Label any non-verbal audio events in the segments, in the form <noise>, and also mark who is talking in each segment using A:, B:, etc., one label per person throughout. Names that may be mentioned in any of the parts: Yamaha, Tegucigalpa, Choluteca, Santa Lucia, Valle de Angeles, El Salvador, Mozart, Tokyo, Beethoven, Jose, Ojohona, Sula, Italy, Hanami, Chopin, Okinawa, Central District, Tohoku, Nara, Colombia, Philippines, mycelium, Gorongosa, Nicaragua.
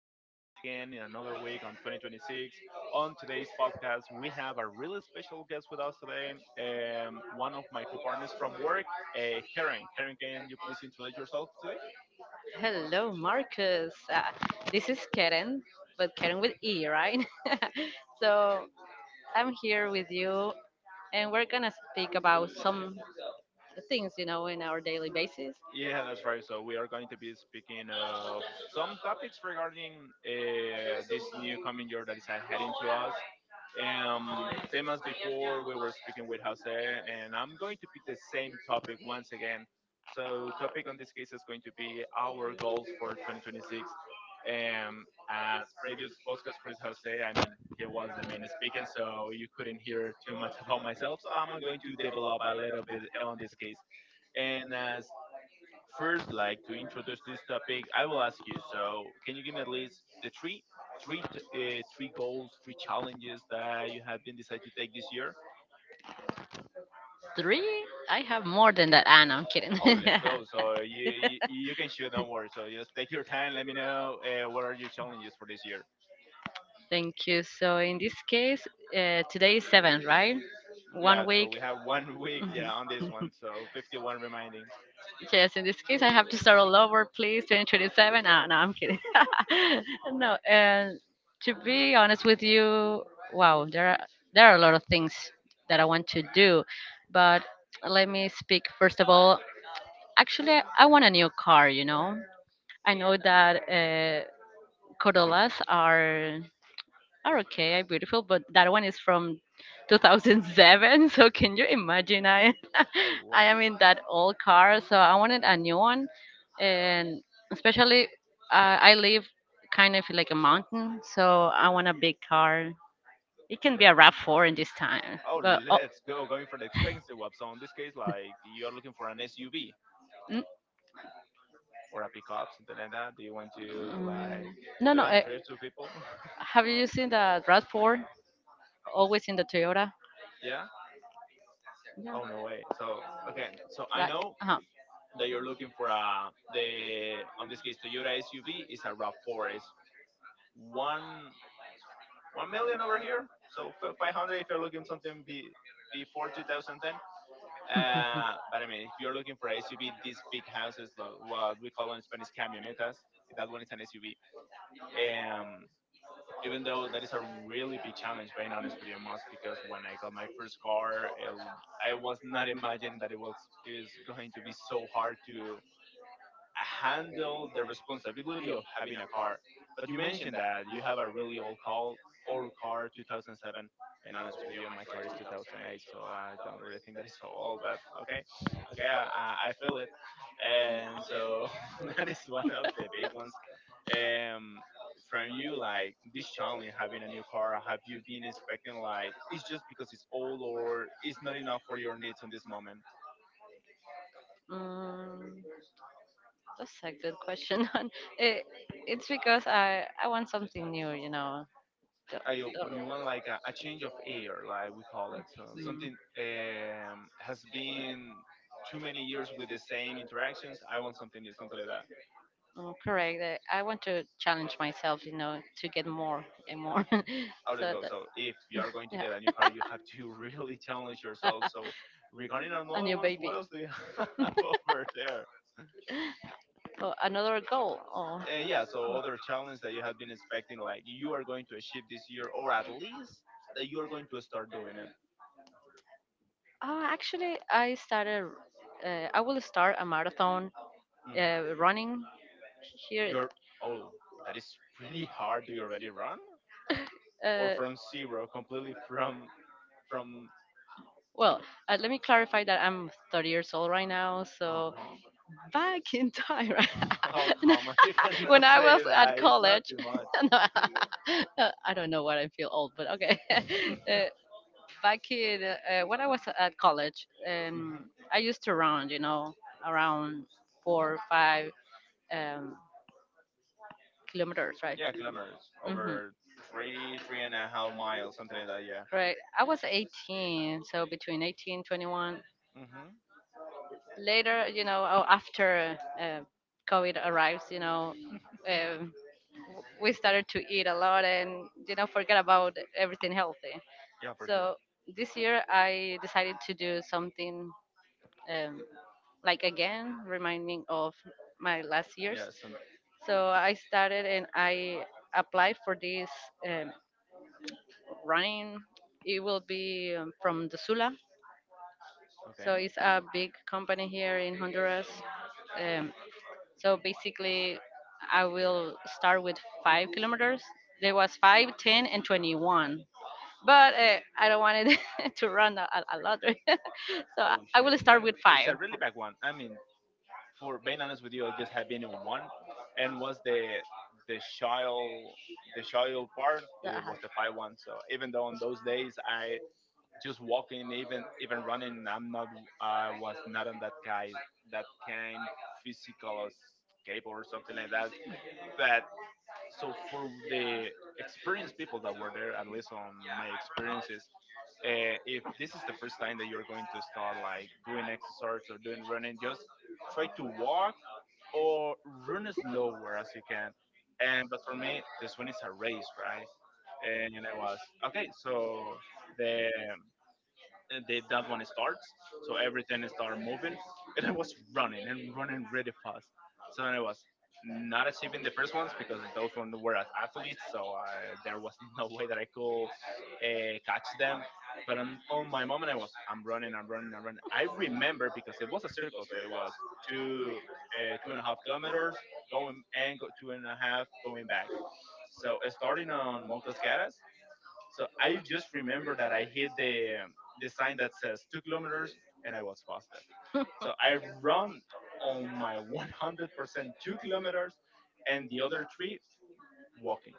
A: are once again in another week on 2026. On today's podcast, we have a really special guest with us today. One of my co-partners from work, Karen. Karen, can you please introduce yourself.
B: Hello, Marcus. This is Karen, but Karen with E, right? <laughs> So I'm here with you, and we're gonna speak about some things you know in our daily basis.
A: Yeah, that's right. So we are going to be speaking of some topics regarding this new coming year that is heading to us. Same as before, we were speaking with Jose, and I'm going to pick the same topic once again. So topic on this case is going to be our goals for 2026. Um, uh, previous podcast with Jose, I mean, he was the main speaking, so you couldn't hear too much <laughs> about myself. So I'm going to develop a little bit on this case. And first like to introduce this topic, I will ask you. So, can you give me at least the three goals, three challenges that you have been decided to take this year?
B: Three? I have more than that. Ah, no, I'm kidding.
A: Oh, let's go.
B: <laughs>
A: So you can shoot. Don't worry. So just take your time. Let me know what are your challenges for this year.
B: Thank you. So in this case, today is seven, right?
A: Yeah.
B: One
A: So
B: week.
A: we have one <laughs> week.
B: Mhm.
A: Yeah, on this one. So 51 remaining.
B: Yes, in this case, I have to start all over, please. 2027. Ah, no, no, I'm kidding. <laughs> No, and to be honest with you, wow, there are a lot of things that I want to do, but let me speak first of all. Actually, I want a new car. You know, I know that Corollas are okay, are beautiful, but that one is from 2007. <laughs> So can you imagine? I
A: Oh,
B: <laughs>
A: whoa.
B: I am in that old car, so I wanted a new one, and especially I live kind of like a mountain, so I want a big car. It can be
A: Yes.
B: a Rav Four in this time,
A: Oh,
B: but
A: let's go. Going for the
B: <laughs>
A: expensive one. So in this case, like you are looking for an SUV,
B: mm, mm,
A: or a pickup, something like that? Do you want to like
B: no, no.
A: doing trips to people?
B: Have you seen the Rav Four? Always in the Toyota.
A: <laughs> Yeah.
B: Yeah.
A: Oh no way. So okay. So I
B: Like,
A: know
B: uh-huh.
A: that you're looking for a the on this case Toyota SUV is a Rav4. It's one one million over here. So 500 if you're looking something be before 2010. But I mean, if you're looking for a SUV, these big houses, like what we call in Spanish camionetas, that one is an SUV. Even though that is a really big challenge, being honest with you, Moss, because when I got my first car, it, I was not imagining that it was is going to be so hard to handle the responsibility of having a car. But you mentioned that you have a really old car, 2007. Being honest with you, my car is 2008, so I don't really think that is so old. But okay, okay, I feel it, and so <laughs> that is one of the big ones. Um, from you, like this challenge, having a new car, have you been expecting like it's just because it's old or it's not enough for your needs on this moment?
B: Mm, that's a good question. <laughs> And it, it's because I want something new, you know. The,
A: I,
B: the,
A: you want like a change of air, like we call it. So
B: mm,
A: something has been too many years with the same interactions. I want something new, something like that.
B: correct. I want to challenge myself, you know, to get more and more. <laughs> So
A: Oh, let's
B: that,
A: go. So if you are going to get a new
B: yeah.
A: car, you have to <laughs> really challenge yourself. So regarding
B: <laughs> A
A: another
B: new
A: ones,
B: baby.
A: what else do you <laughs> have over there?
B: Oh, another goal. Oh.
A: Yeah, so other challenge that you have been expecting, like you are going to achieve this year, or at least that you are going to start doing it.
B: Oh, actually, I started. I will start a marathon
A: Mhm.
B: running here.
A: You're oh, that is pretty hard. Do you already run? Or
B: Uh,
A: from zero, completely from
B: Well, let me clarify that I'm 30 years old right now.
A: uh
B: So
A: huh.
B: back in time, <laughs>
A: <laughs> How
B: right?
A: common?
B: <laughs>
A: You
B: <laughs> When
A: cannot
B: I was
A: say
B: at
A: that. It's not
B: college,
A: too much.
B: <laughs> no, <laughs> I don't know what I feel old, but okay. <laughs>
A: <laughs>
B: uh, back in when I was at college,
A: Hmm.
B: I used to run, you know, around 4 or 5 um, kilometers, right?
A: Yeah, kilometers
B: Hmm.
A: over three and a half miles, something like that. Yeah.
B: Right. I was 18, so between 18 21,
A: Hmm.
B: later, you know, or after COVID arrives, you know, um, we started to eat a lot and, you know, forget about everything healthy.
A: Yeah, for sure.
B: So this year I decided to do something um, like again, remind me of my last years.
A: Yeah. Some.
B: So I started and I applied for this um, running. It will be from the Sula. So
A: Okay.
B: it's a big company here in Honduras. Um, So basically, I will start with 5 kilometers. There was 5, 10, and 21. But I don't want it <laughs> to run a lot. <laughs> So I
A: Oh
B: I will
A: shit.
B: start
A: That
B: with
A: it's a
B: five.
A: really bad one. I
B: <laughs>
A: mean, for being honest with you, I just had been in one, and was the the child the child part.
B: Uh,
A: It was the 5 one. So even though on those days I just walking, even even running. I'm not. I was not on that guy, that kind physical escape or something like that. But so for the experienced people that were there, at least on my experiences, if this is the first time that you're going to start like doing exercise or doing running, just try to walk or run as slower as you can. And for me, this one is a race, right? And I was okay. So the and they, that one starts. So everything started moving, and I was running and running really fast. So and I was not achieving the first ones because those ones were as athletes, so I, there was <laughs> no way that I could catch them. But on my moment, I was I'm running, I'm running, I'm running. I remember because it was a circle, so it was two two and a half kilometers going and go, two and a half going back. So starting on Molcascaras, so I just remember that I hit the sign that says 2 kilometers, and I was busted. So I run on my 100% 2 kilometers, and the other three walking.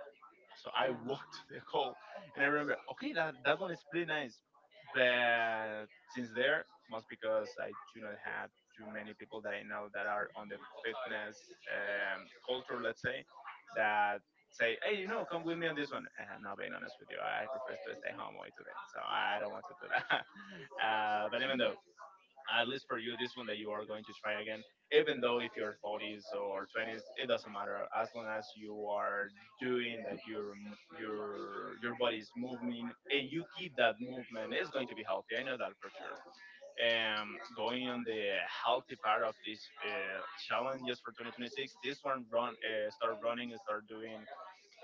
A: So I walked <laughs> the hole, and I remember, okay, that that one is pretty nice, but since there, most because I do not have too many people that I know that are on the fitness culture, let's say, that say, hey, you know, come with me on this one. And now, being honest with you, I prefer to stay home all today, so I don't want to do that. <laughs> But even though at least for you, this one that you are going to try again, even though if you're 30s or 20s, it doesn't matter as long as you are doing that your your body is moving and you keep that movement, it's going to be healthy. I know that for sure. Going on the healthy part of this challenges for 2026, this one run start running and start doing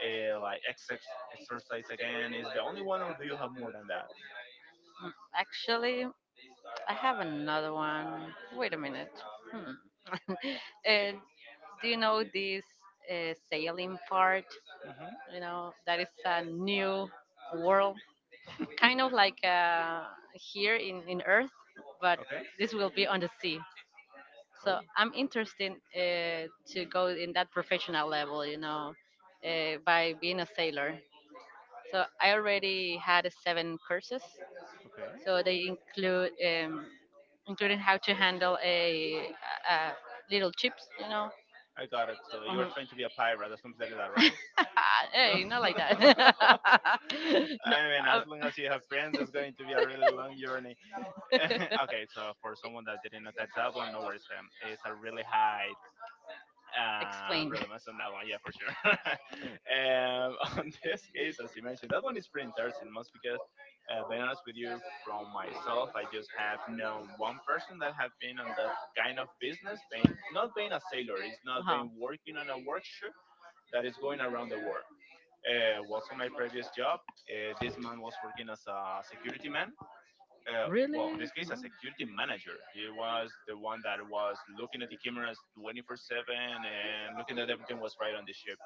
A: like exercise again is the only one, or do you have more than that?
B: Actually, I have another one. Wait a minute. Hmm. <laughs> uh, do you know this sailing part?
A: Hmm.
B: You know, that is a new world kind of like here in Earth, but
A: Okay.
B: this will be on the sea. So
A: Oh,
B: I'm interested to go in that professional level, you know, by being a sailor. So I already had seven courses.
A: okay.
B: So they include including how to handle a little chips, you know.
A: I got it. So you're trying to be
B: Mhm.
A: a pirate or something like that, right?
B: <laughs> Hey, not like that.
A: <laughs> I mean, as long
B: <laughs>
A: as you have friends, it's going to be a really long journey. <laughs> Okay, so for someone that didn't know catch that one, no
B: No,
A: worries. It's a really high
B: uh, <laughs> explain.
A: relevance on that one, yeah, for sure. <laughs> <laughs> On this case, as you mentioned, that one is pretty interesting, most because, being honest with you, from myself, I just have known one person that have been on that kind of business, being not being a sailor, it's not
B: Wow.
A: being working on a workshop that is going around the world. Also, my previous job, this man was working as a security man. Uh, well, in this case, a security manager. He was the one that was looking at the cameras 24/7 and looking that everything was right on the ship.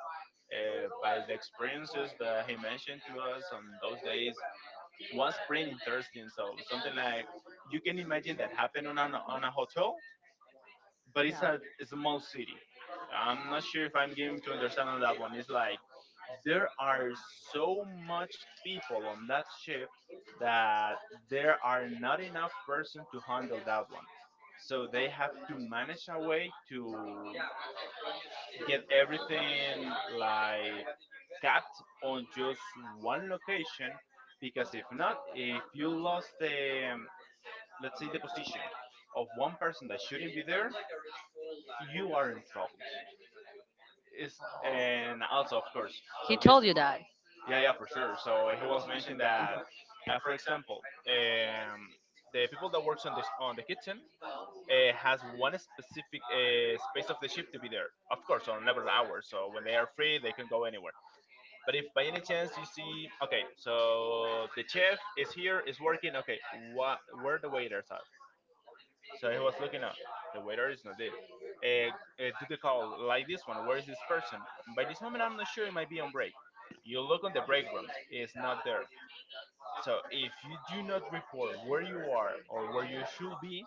A: By the experiences that he mentioned to us on those days, was pretty interesting. So something like you can imagine that happened on on a hotel, but it's a small city. I'm not sure if I'm giving to understand on that one. It's like there are so much people on that ship that there are not enough person to handle that one. So they have to manage a way to get everything like capped on just one location because if not, if you lost the let's say the position of one person that shouldn't be there, you are in troubles. Is and also of course
B: He
A: so this
B: told you that.
A: yeah yeah for sure so he was mentioned that for example um, the people that works on this on the kitchen has one specific space of the ship to be there of course on level hours so when they are free they can go anywhere but if by any chance you see okay so the chef is here is working okay what where the waiters are so he was looking at. The waiter is not there. Uh, do the call like this one. Where is this person? By this moment, I'm not sure. It might be on break. You look on the break rooms. It's not there. So if you do not report where you are or where you should be,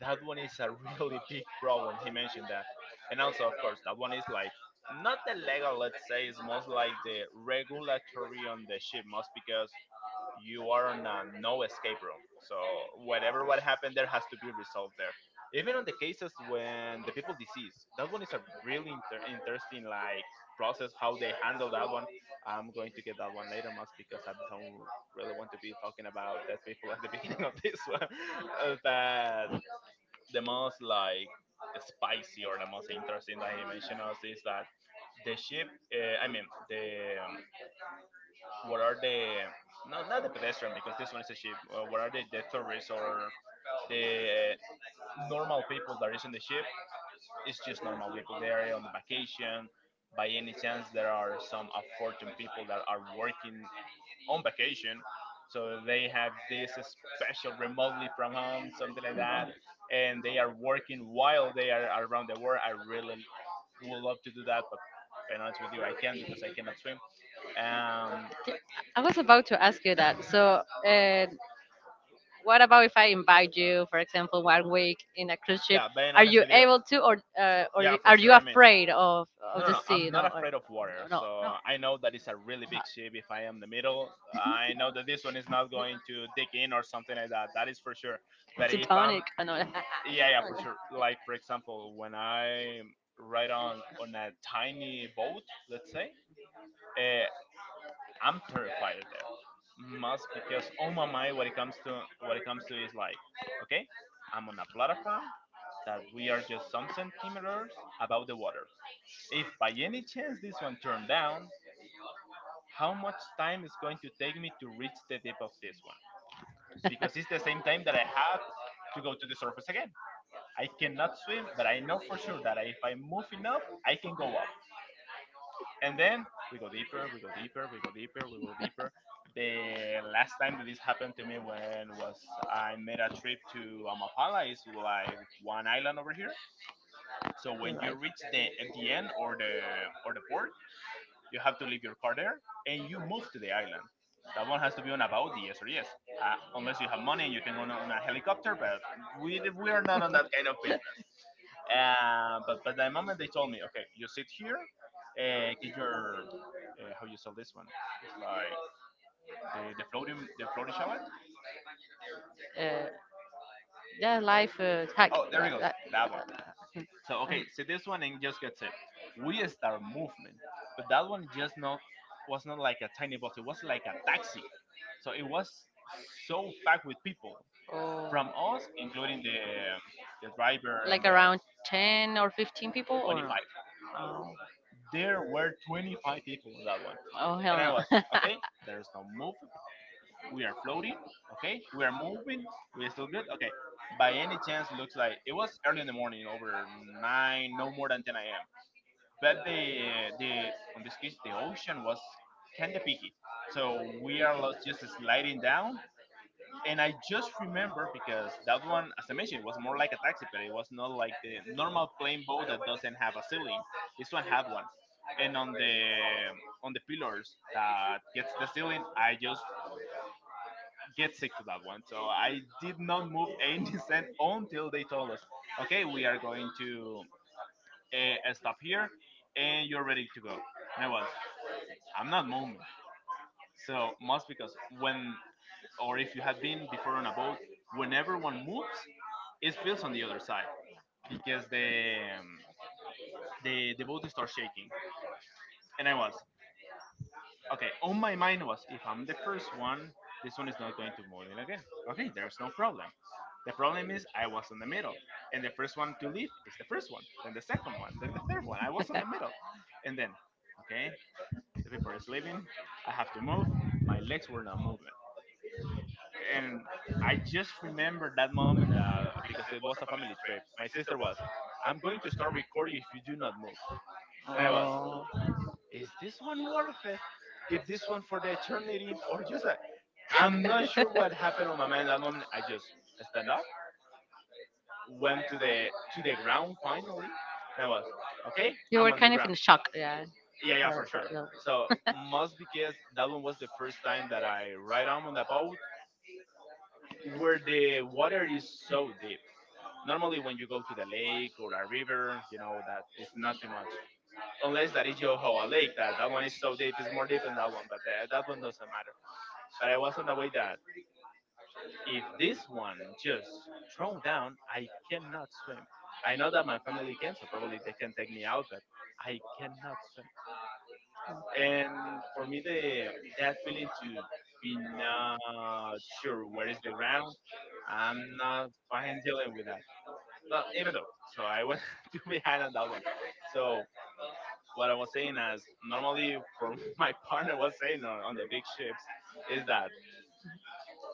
A: that one is a really <laughs> big problem. He mentioned that, and also of course that one is like not the legal. Let's say it's most like the regulatory on the ship, most because you are on a no escape room. So whatever what happened there has to be resolved there. Even on the cases when the people deceased, that one is a really interesting like process how they handle that one. I'm going to get that one later, Mas, because I don't really want to be talking about dead people at the <laughs> beginning of this one. But the most like spicy or the most interesting that he mentioned us is that the ship, I mean the what are the no, not the pedestrian because this one is a ship. What are the tourists or the normal people that is in the ship? It's just normal people. They are on the vacation. By any chance, there are some unfortunate people that are working on vacation, so they have this special remotely from home, something like that, and they are working while they are around the world. I really would love to do that, but being honest with you, I can't because I cannot swim. Um,
B: I was about to ask you that. So, what about if I invite you, for example, one week in a cruise ship?
A: yeah, being
B: Are
A: honest
B: you
A: with you,
B: able to, or
A: yeah,
B: you,
A: for
B: are you
A: sure. I mean,
B: afraid of
A: no,
B: of
A: no,
B: the
A: no.
B: sea?
A: I'm
B: I'm
A: not
B: No,
A: afraid of water.
B: no, no.
A: So I know that it's a really big ship. If I am the middle, I know that this one is not going to dig in or something like that. That is for sure. But
B: It's I
A: if I'm,
B: Titanic. Know. That. <laughs>
A: yeah, yeah, for sure. Like for example, when I ride on a tiny boat, let's say, uh, I'm terrified there. Must because on my mind, what it comes to is like, okay, I'm on a platform that we are just some centimeters above the water if by any chance this one turned down, how much time is going to take me to reach the depth of this one? Because it's the same time that I have to go to the surface again. I cannot swim, but I know for sure that if I move enough, I can go up. And then we go deeper, we go deeper, we go deeper, we go deeper. The last time that this happened to me when was I made a trip to Amapala is like one island over here. So when you reach the at the end or the port, you have to leave your car there and you move to the island. That one has to be on about the yes or yes. Unless you have money and you can go on a helicopter, but we are not on that business. But the moment they told me, okay, you sit here, get your how you sell this one. It's like the floating shallot.
B: Uh, yeah, life. Heck.
A: Oh,
B: Uh,
A: there it goes.
B: uh,
A: That one.
B: uh,
A: So okay, see this one and just gets it. We start movement, but that one just not was not like a tiny bus. It was like a taxi. So it was so packed with people from
B: oh.
A: us, including the driver and the
B: 10 or 15 people
A: 25.
B: oh,
A: There were 25 people in that one,
B: oh hell.
A: and I
B: And
A: was
B: hell <laughs> no.
A: okay. There's no move. We are floating. Okay, we are moving. We are still good. Okay. By any chance, looks like it was early in the morning, over nine, no more than 10 a.m. But the on this case the ocean was kinda picky, so we are lost just sliding down. And I just remember because that one, as I mentioned, was more like a taxi, but it was not like the normal plane boat that doesn't have a ceiling. This one had one, and on the pillars that gets the ceiling, I just get sick to that one. So I did not move <laughs> any cent until they told us, okay, we are going to stop here, and you're ready to go. And I was. I'm not moving. So must because when or if you have been before on a boat, when everyone moves, it feels on the other side because the boat starts shaking. And I was okay. On my mind was if I'm the first one, this one is not going to move in again. Okay, there's no problem. The problem is I was in the middle, and the first one to leave is the first one, then the second one, then the third one. I was in the middle, and then okay, the people is leaving. I have to move. My legs were not moving, and I just remember that moment that because it was a family trip, my sister was, "I'm going to start recording if you do not move,"
B: And
A: and
B: I
A: I was,
B: was, oh.
A: "Is this one worth it? Keep this one for the eternity, or just?" I'm not sure what happened on my mind that moment. I just stand up, went to the ground finally, and I was, "Okay, I'm on the ground."
B: Shock, yeah. Yeah,
A: Yeah, yeah, for sure.
B: yeah,
A: So must because that one was the first time that I ride on the boat
B: <laughs>
A: where the water is so deep. Normally, when you go to the lake or a river, you know that it's not too much, unless that is Yohoa Lake. That one is so deep, it's more deep than that one, but that one doesn't matter. But I was on the way that if this one just thrown down, I cannot swim. I know that my family can, so probably they can take me out, but I cannot swim. And for me, the that feeling to be not sure where is the ground, I'm not fine <laughs> dealing with that. But even though, so I went <laughs> too behind on that one. So what I was saying is, normally for <laughs> my partner was saying on the big ships is that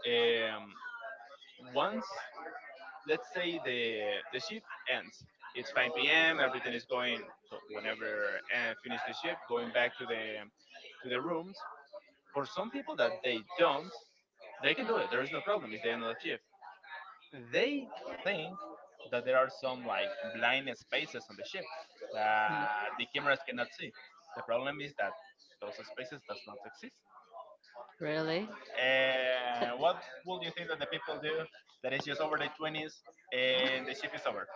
A: um, once let's say the shift ends, it's 5 p.m. Everything is going. So whenever finish the shift, going back to the rooms. For some people that they don't, they can do it. There is no problem. It's the end of the shift. They think that there are some like blind spaces on the ship that the cameras cannot see. The problem is that those spaces does not exist.
B: really?
A: And what would you think that the people do that is just over the 20s and the ship is over?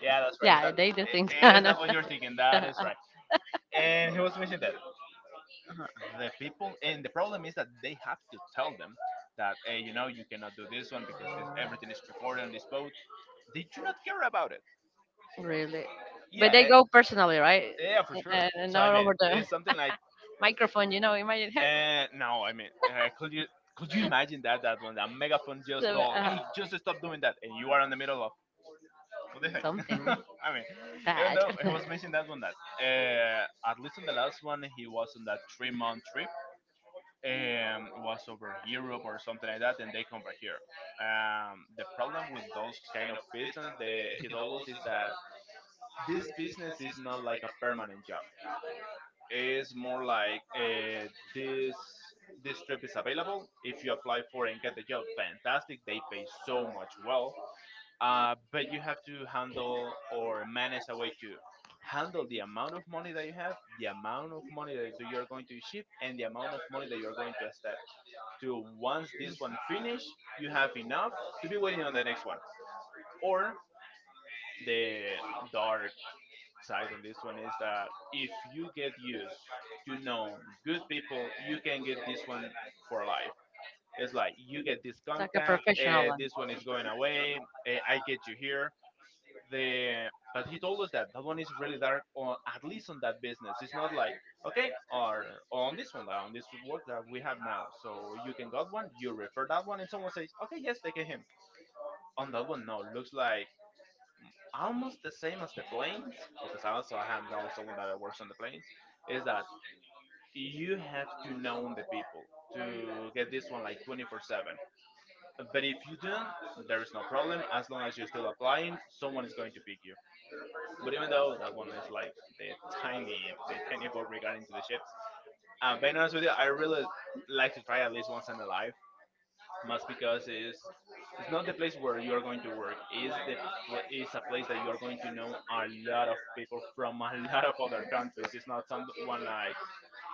A: Yeah, that's right.
B: Yeah, they do things. <laughs> I
A: Is that
B: know.
A: what you're
B: <laughs>
A: thinking? That is right. And he was mentioning that the people and the problem is that they have to tell them that hey, you know, you cannot do this one because this everything is recorded on this boat. They do not care about it,
B: Really. But they
A: yeah.
B: go personally, right?
A: Yeah, for sure.
B: And
A: So I
B: not
A: mean,
B: over the
A: it's
B: <laughs>
A: something like,
B: microphone, you know. Imagine her.
A: no, I mean, could you imagine that that when that
B: <laughs>
A: megaphone just
B: So,
A: told, hey, just
B: <laughs>
A: stop doing that, and you are in the middle of what do you
B: something <laughs> even
A: think? <laughs> I mean, even
B: bad,
A: though he was mentioning that one, that at least on the last one he was on that 3 month trip, was over Europe or something like that, and they come back here. The problem with those kind of business, the, he told us is that this business is not like a permanent job. Is more like this this trip is available if you apply for it and get the job fantastic they pay so much well. But you have to handle or manage a way to handle the amount of money that you have, the amount of money that you are going to ship, and the amount of money that you are going to step to once this one finish you have enough to be waiting on the next one. Or the dark side on this one is that if you get used to know good people, you can get this one for life. It's like you get this
B: like a
A: contact,
B: professional one
A: this one is going away. I get you here. The but he told us that that one is really dark, or at least on that business. It's not like okay, or on this one, on this work that we have now. So you can got one, you refer that one, and someone says, okay, yes, take him. On that one, no, looks like almost the same as the planes because also I have known someone that works on the planes is that you have to know the people to get this one like 24/7. But if you don't there is no problem as long as you're still applying someone is going to pick you. But even though that one is like the tiny <laughs> quote regarding to the ships. Being honest with you I really like to try at least once in a life must because is it's not the place where you are going to work. Is the pl- is a place that you are going to know a lot of people from a <laughs> lot of other countries. It's not someone like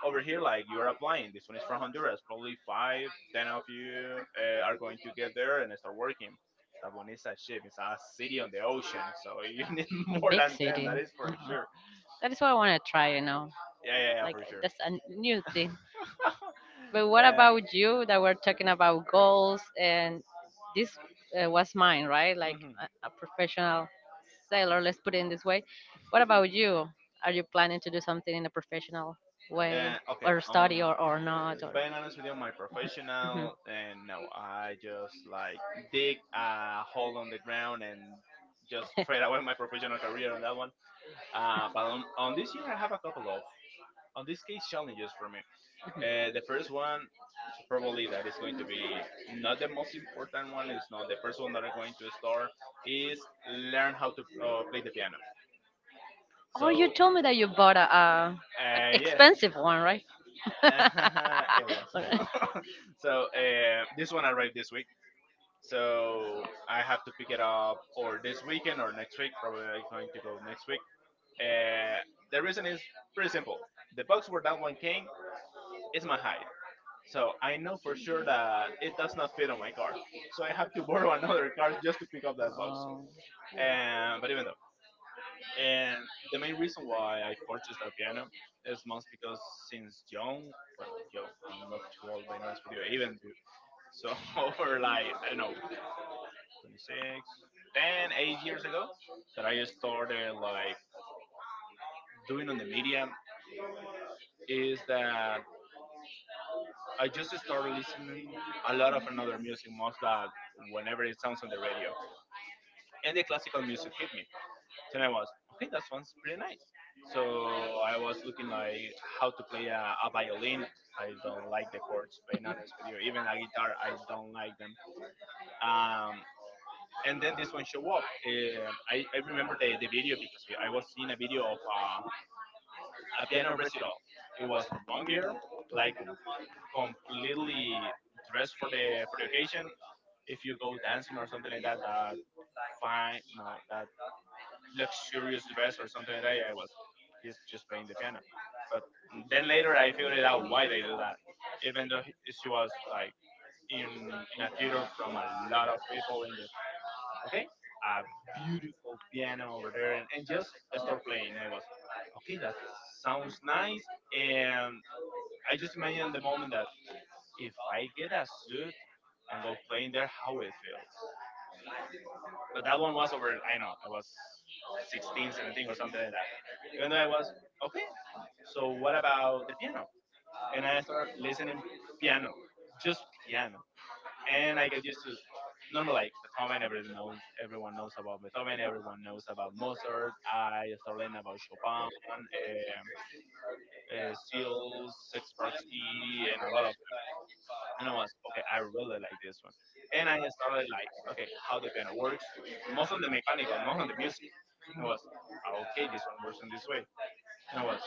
A: over here like you are applying. This one is from Honduras. Probably five, ten of you are going to get there and start working. That one is a ship. It's a city on the ocean. So <laughs> you need
B: <laughs> in
A: more
B: big city.
A: than ten.
B: City.
A: That is for
B: Uh-uh.
A: sure.
B: That is what I want to try. You know,
A: Yeah, yeah, yeah, for sure.
B: that's a new thing. But
A: <laughs>
B: what
A: uh,
B: about you? That we're talking about goals, and this was mine, right? Like
A: mhm.
B: a professional sailor, let's put it in this way. What about you? Are you planning to do something in a professional way
A: Okay.
B: or study or not? Or,
A: Being honest with you, my
B: mhm.
A: professional, and no, I just like dig a hole on the ground and just trade away <laughs> my professional career on that one. But on this year, I have a couple of, on this case, challenges for me. The first one, probably that is going to be not the most important one, is not the first one that I'm going to start, is learn how to play the piano.
B: Oh, you
A: So,
B: told me that you bought a
A: yeah,
B: expensive one, right?
A: <laughs> it was.
B: <laughs> Alright.
A: <laughs> So this one arrived this week, so I have to pick it up or this weekend or next week. Probably I'm going to go next week. Uh, the reason is pretty simple. The box where that one came is my height, so I know for sure that it does not fit on my car. So I have to borrow <laughs> another car just to pick up that box. But even though, and the main reason why I purchased that piano is most because since young, well, not young, I'm not too old by now, it's with you, even too. So <laughs> over like I don't know, 26, 10, 8 years ago that I started like doing on the media is that I just started listening a lot of another music, most that whenever it sounds on the radio, and the classical music hit me. So I was okay, that sounds pretty nice. So I was looking like how to play a violin. I don't like the chords, being honest with you. Even a guitar, I don't like them. Um, and then this one show up. I remember the video because I was seeing a video of a piano recital. It was one girl, like completely dressed for the occasion. If you go dancing or something like that, that fine, no, that luxurious dress or something like that, I was he's just playing the piano. But then later I figured out why they do that, even though she was like in a theater from a lot of people and just okay, a beautiful piano over there, and just start playing. I was okay, that sounds nice, and I just imagine the moment that if I get a suit and go play in there, how it feels. But that one was over, I know, I was 16, 17 or something like that. Even though I was, okay, so what about the piano? And I started listening piano, just piano. And I get used to, normally like Beethoven, everyone knows about Beethoven, everyone knows about Mozart. I started learning about Chopin, Steele, Sixparsky, and a lot of. And I was, okay, I really like this one. And I started like, okay, how the piano works, most on the mechanical, not on the music. And I was, okay, this one works in this way. And I was,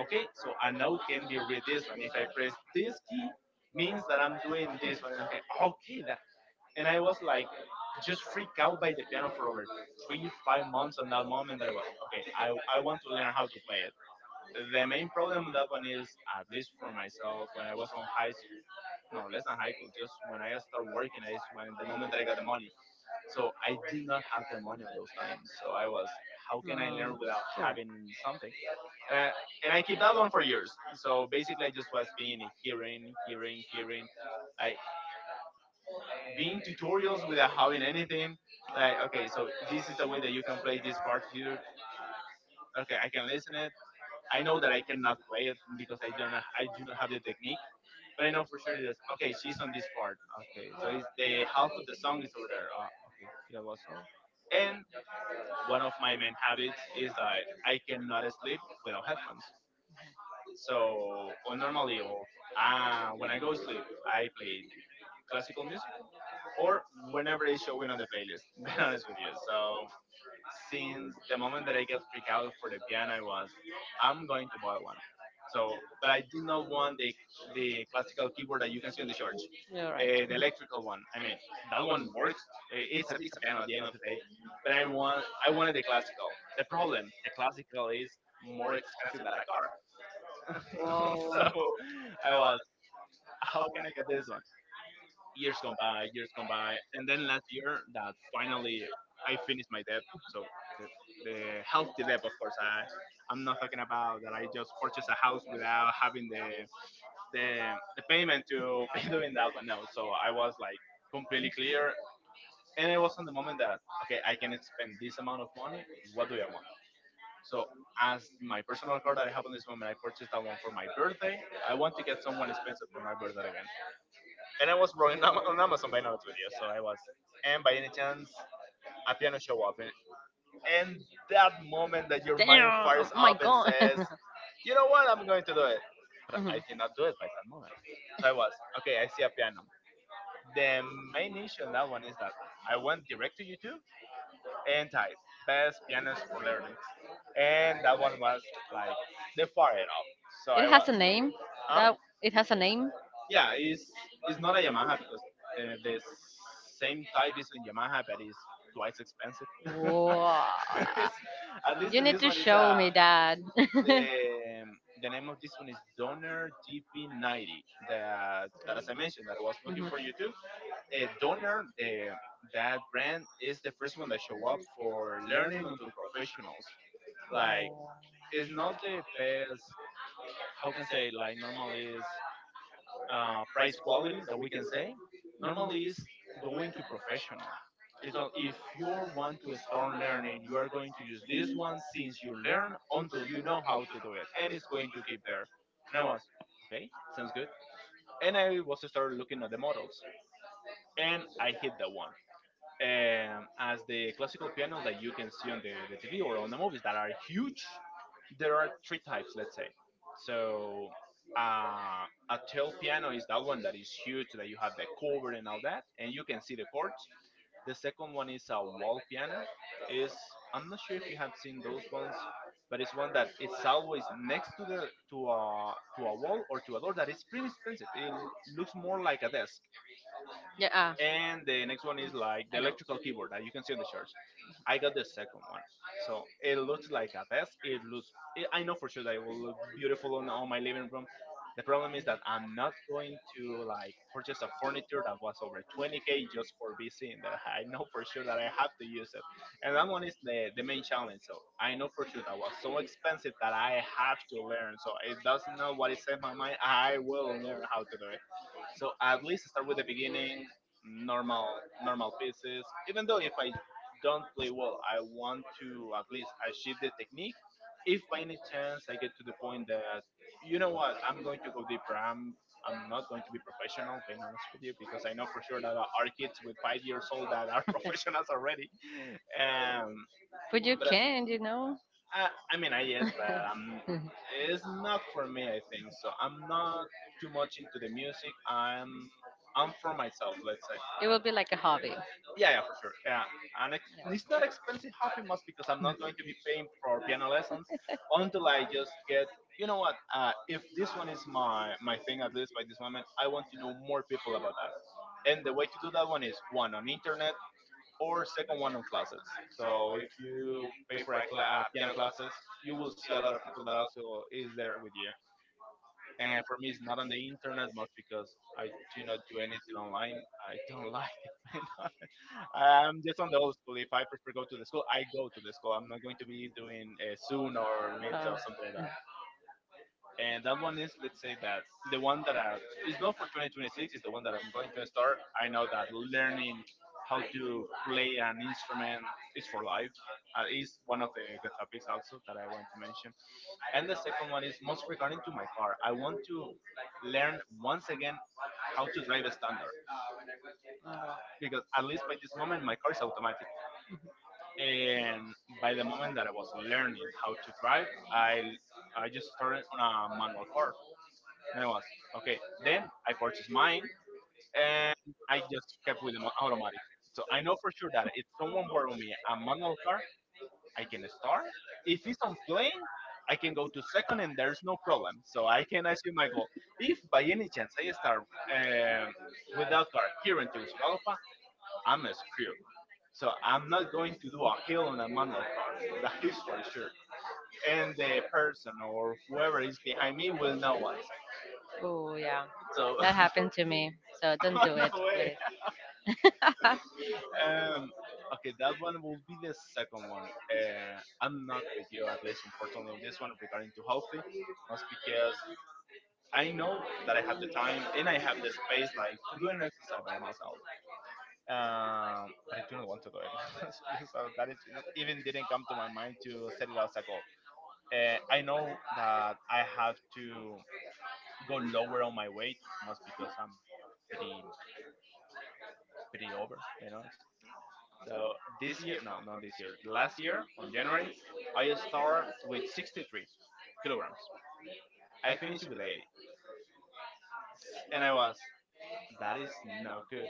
A: okay, so a note can be read this one. If I press this key, means that I'm doing this one. Okay, okay, that. And I was like, just freaked out by the piano for over three, five months on that moment that I was, okay, I want to learn how to play it. The main problem on that one is, at least for myself, when I was on high no less than high school just when I start working is when the moment that I got the money, so I did not have the money on those times, so I was how can I
B: Mm,
A: learn without
B: sure.
A: having something, and i and I keep that one for years, so basically I just was being hearing like being tutorials without having anything like okay, so this is the way that you can play this partiture, okay, I can listen it, I know that I cannot play it because I do not have the technique, but I know for sure this. Okay, she's on this part. Okay, so it's the half of the song is over there. Okay, yeah, was all. And one of my main habits is that I cannot sleep without headphones. So or normally, or when I go to sleep, I play classical music, or whenever it's showing on the playlist. <laughs> Being honest with you, so since the moment that I get freaked out for the piano, I was, I'm going to buy one. So, but I did not want the classical keyboard that you can see on the church,
B: You're
A: the
B: right.
A: electrical one. I mean, that one works. I- It's a piano at the end of the day, but I wanted the classical. The problem, the classical is more expensive than a car.
B: <laughs> So,
A: <laughs>
B: whoa.
A: So I was, how can I get this one? Years gone by, years gone by, and then last year that finally I finished my debt. So the, the healthy debt, of course. I'm not talking about that I just purchased a house without having the the payment to <laughs> pay doing that. But no, so I was like completely clear, and it was in the moment that okay, I can spend this amount of money. What do I want? So as my personal card that I have on this moment, I purchased that one for my birthday. I want to get someone expensive for my birthday again. And I was running on Amazon <laughs> by now video, so I was. And by any chance, a piano show up, and that moment that your mind
B: Damn. Oh
A: fires
B: my
A: up and says,
B: god.
A: "You know what? I'm going to do it,"
B: <laughs>
A: but
B: Mhm.
A: I did not do it by that moment. So I was okay. I see a piano. The main issue in that one is that I went direct to YouTube and typed "best pianos for learning," and that one was like the fire up. So I
B: It has
A: was,
B: what? A name.
A: huh?
B: That it has a name.
A: Yeah, it's not a Yamaha because the same type is in Yamaha, but it's twice expensive.
B: Wow.
A: <laughs>
B: <laughs>
A: It's- at least
B: You need
A: this
B: to
A: one is
B: show me that. <laughs>
A: the um, the name of this one is Donner DP90. That that as I mentioned, that I was
B: Mhm.
A: looking for
B: Mhm.
A: you too.
B: <laughs>
A: Donner, uh, that brand is the first one that show up for learning onto professionals. Like it's not the best. How can I say like normally is price quality that we can say normally is going to professional, it's not, if you want to start learning you are going to use this one since you learn until you know how to do it and it's going to keep there. And I was okay, sounds good. And I was started looking at the models and I hit the one, as the classical piano that you can see on the TV or on the movies that are huge, there are three types, let's say. So uh, a tail piano is that one that is huge, that you have the cover and all that, and you can see the chords. The second one is a wall piano. Is I'm not sure if you have seen those ones, but it's one that it's always next to the to a wall or to a door that is pretty expensive. It looks more like a desk,
B: Yeah,
A: and the next one is like the electrical keyboard that you can see on the charts. I got the second one, so it looks like a desk. It looks. It, I know for sure that it will look beautiful on my living room. The problem is that I'm not going to like purchase a furniture that was over 20K just for being in there. I know for sure that I have to use it, and that one is the main challenge. So I know for sure that was so expensive that I have to learn. So it doesn't know what is in my mind. I will learn how to do it, so at least start with the beginning, normal pieces. Even though if I don't play well, I want to at least achieve the technique. If by any chance I get to the point that you know what, I'm going to go deeper. I'm not going to be professional, being honest with you, because I know for sure that there are kids with five years old that are <laughs> professionals already. Um,
B: but you that's can, you know.
A: I mean, I yes, but it's not for me. I think so. I'm not too much into the music. I'm for myself. Let's say.
B: It will be like a hobby.
A: Yeah, yeah, for sure. Yeah, and it's not expensive hobby must because I'm not going to be paying for piano lessons until I just get. You know what? If this one is my thing at least by this moment, I want to know more people about that. And the way to do that one is one on internet, or second one on classes. So if you pay for a piano classes, you will see a lot of people that also is there with you. And for me, it's not on the internet much because I do not do anything online. I don't <laughs> like it. Man. <laughs> I'm just on the old school. If I prefer go to the school, I go to the school. I'm not going to be doing
B: Oh,
A: soon or mid or
B: Mm.
A: something like.
B: That.
A: And that one is, let's say that the it's not for 2026, it's the one that I'm going to start. I know that learning how to play an instrument is for life. Is one of the good topics also that I want to mention. And the second one is most regarding to my car. I want to learn once again how to drive a standard, because at least by this moment my car is automatic. And by the moment that I was learning how to drive, i I just started on a manual car. And I was, okay. Then I purchased mine, and I just kept with the automatic. So I know for sure that if someone borrow me a manual car, I can start. If it's on plane, I can go to second and there's no problem. So I can achieve my goal. If by any chance I start without car here in Tegucigalpa, I'm screwed. So I'm not going to do a hill on a manual car. <laughs> That is for sure. And the person or whoever is behind me will know it.
B: Oh yeah,
A: So
B: <laughs> that happened to me. So don't do <laughs> it, no
A: <laughs>
B: <laughs> please.
A: Um, okay, that one will be the second one. I'm not with you, at least unfortunately, in this one regarding to healthy, just because I know that I have the time and I have the space, like to do an exercise by myself. But I do not want to do it. <laughs> So that is, even didn't come to my mind to set it as a goal. I know that I have to go lower on my weight, most because I'm pretty pretty over, So this year, no, not this year. Last year, on January, I start with 63 kilograms. I finished with 80, S- and I was, that is not good,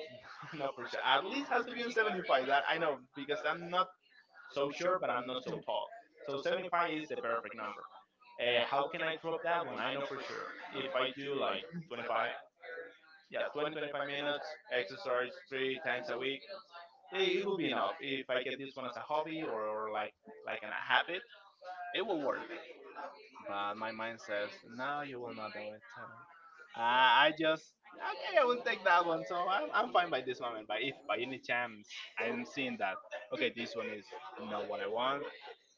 A: <laughs> not for sure. At least has to be on 75. That I know because I'm not so sure, but I'm not so tall. So 75 is the perfect number. How can I drop that one? I know for sure if I do like 25, yeah, 20 25 minutes exercise three times a week, it will be enough. If I get this one as a hobby, or like a habit, it will work. But my mind says, no, you will not do it. So I just, okay, I will take that one. So I'm fine by this moment. But if by any chance I'm seeing that, okay, this one is not what I want,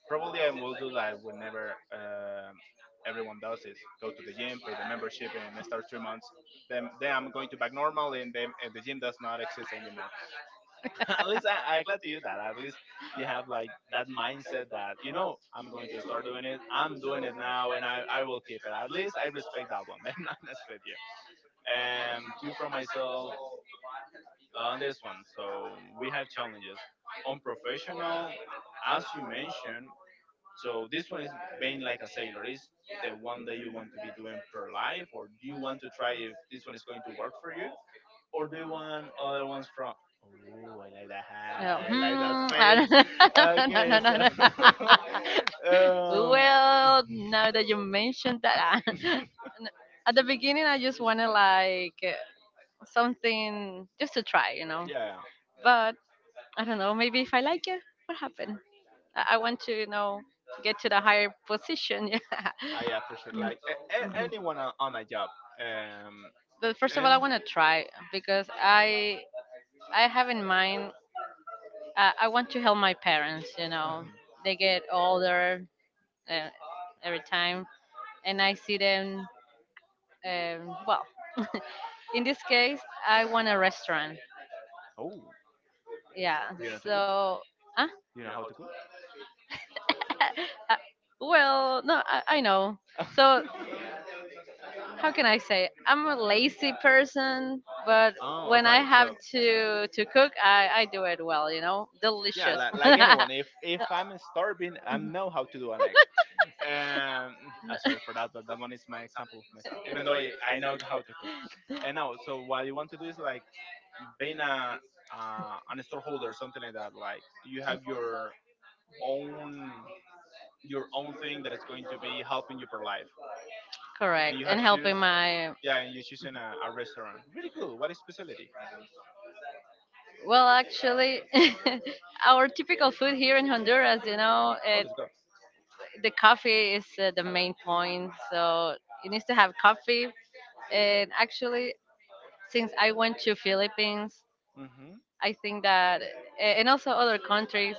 A: probably I will do that whenever everyone does is go to the gym, pay the membership, and start 3 months. Then I'm going to back normal, and the gym does not exist anymore. <laughs> At least
B: <laughs>
A: I'm glad to hear that. At least you have like that mindset that you know I'm going to start doing it. I'm doing it now, and I will keep it. At least I respect that one. <laughs> Being honest with you, and two from myself on this one. So we have challenges on professional, as you mentioned. So this one is being like a sailor. Is the one that you want to be doing per life, or do you want to try if this one is going to work for you? Or do you want other ones from? Oh, I like that.
B: No.
A: I like that
B: Hmm, I don't
A: face.
B: know. <laughs> No, no,
A: Okay,
B: no,
A: so
B: no. <laughs>
A: <laughs> um,
B: Well, now that you mentioned that, I- <laughs> at the beginning, I just wanted like something just to try, you know.
A: yeah,
B: But I don't know. Maybe if I like it, what happened? I want to, you know, get to the higher position. <laughs>
A: yeah, for sure.
B: Yeah.
A: Like
B: Mm,
A: a-
B: mhm.
A: anyone on a job. Um,
B: But first of all, I
A: and
B: want to try because I have in mind I want to help my parents. You know,
A: mhm.
B: they get older uh, every time, and I see them. Well, in this case, I want a restaurant.
A: Oh,
B: Yeah.
A: do you know how to cook?
B: So, uh,
A: Do you know how to cook?
B: uh, well, no, I know. So,
A: <laughs>
B: how can I say? I'm a lazy person, but
A: Oh, I
B: when
A: got
B: I
A: it.
B: have
A: So
B: to cook, I do it well. You know,
A: yeah,
B: delicious.
A: like
B: <laughs>
A: anyone, if I'm starving, I know how to do an egg. Um, sorry for that, but that one is my example of myself. Even though I know how to cook. And now, so what you want to do is like being a an storeholder, something like that, like you have own your own thing that is going to be helping you per life,
B: Correct,
A: and you
B: and
A: have shoes.
B: helping my
A: Yeah, and you're choosing a restaurant, really cool. What is specialty?
B: well, actually, <laughs> our typical food here in Honduras, you know,
A: Oh,
B: it
A: let's go.
B: the coffee is the main point. So you need to have coffee. And actually, since I went to Philippines,
A: Mm-hmm.
B: I think that a- and also other countries,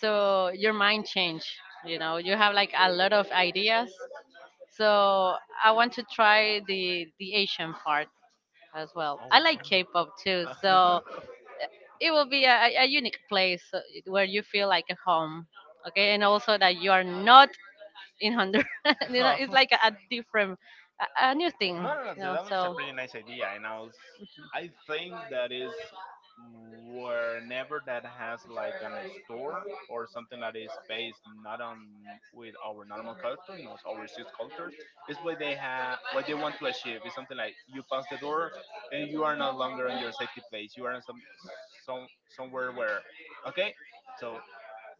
B: so your mind change. You know, you have like a lot of ideas. So I want to try the Asian part as well. I like
A: Oh,
B: K-pop too, so it will be a unique place where you feel like a home. Okay, and also that you are not in Honduras. <laughs> You know,
A: wow.
B: it's
A: <laughs>
B: like a different, a new thing.
A: No, no, no.
B: You
A: The
B: know,
A: That one is a
B: so
A: pretty nice
B: <laughs>
A: idea, and I was, I think that is whenever that has like an store or something that is based not on with our normal culture, you know, overseas cultures, is what they have, what they want to achieve. It's something like you pass the door, and you are no longer on your safety place. You are in some somewhere where, okay, so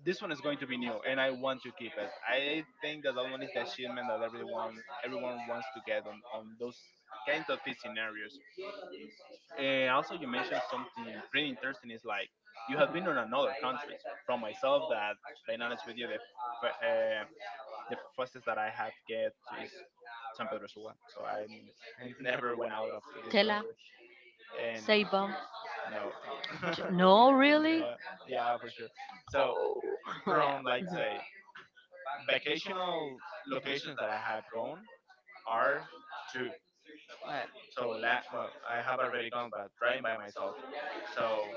A: this one is going to be new and I want to keep it. I think that that one is the achievement that everyone wants to get on those kinds of scenarios. And also you mentioned something pretty interesting, is like you have been on another countries. From myself, that being honest with you, the fa- uh, the fastest that I have get to is San Pedro Sula. So I'm <laughs> I never went out of this
B: Tela,
A: country. And
B: Ceiba.
A: no <laughs>
B: Ch- No, really.
A: no,
B: <laughs>
A: yeah, for sure. So
B: Yeah.
A: from, like,
B: Mhm.
A: say, vacational locations that I have gone are two.
B: Right.
A: So, la- well, I have already gone, but driving by myself. So,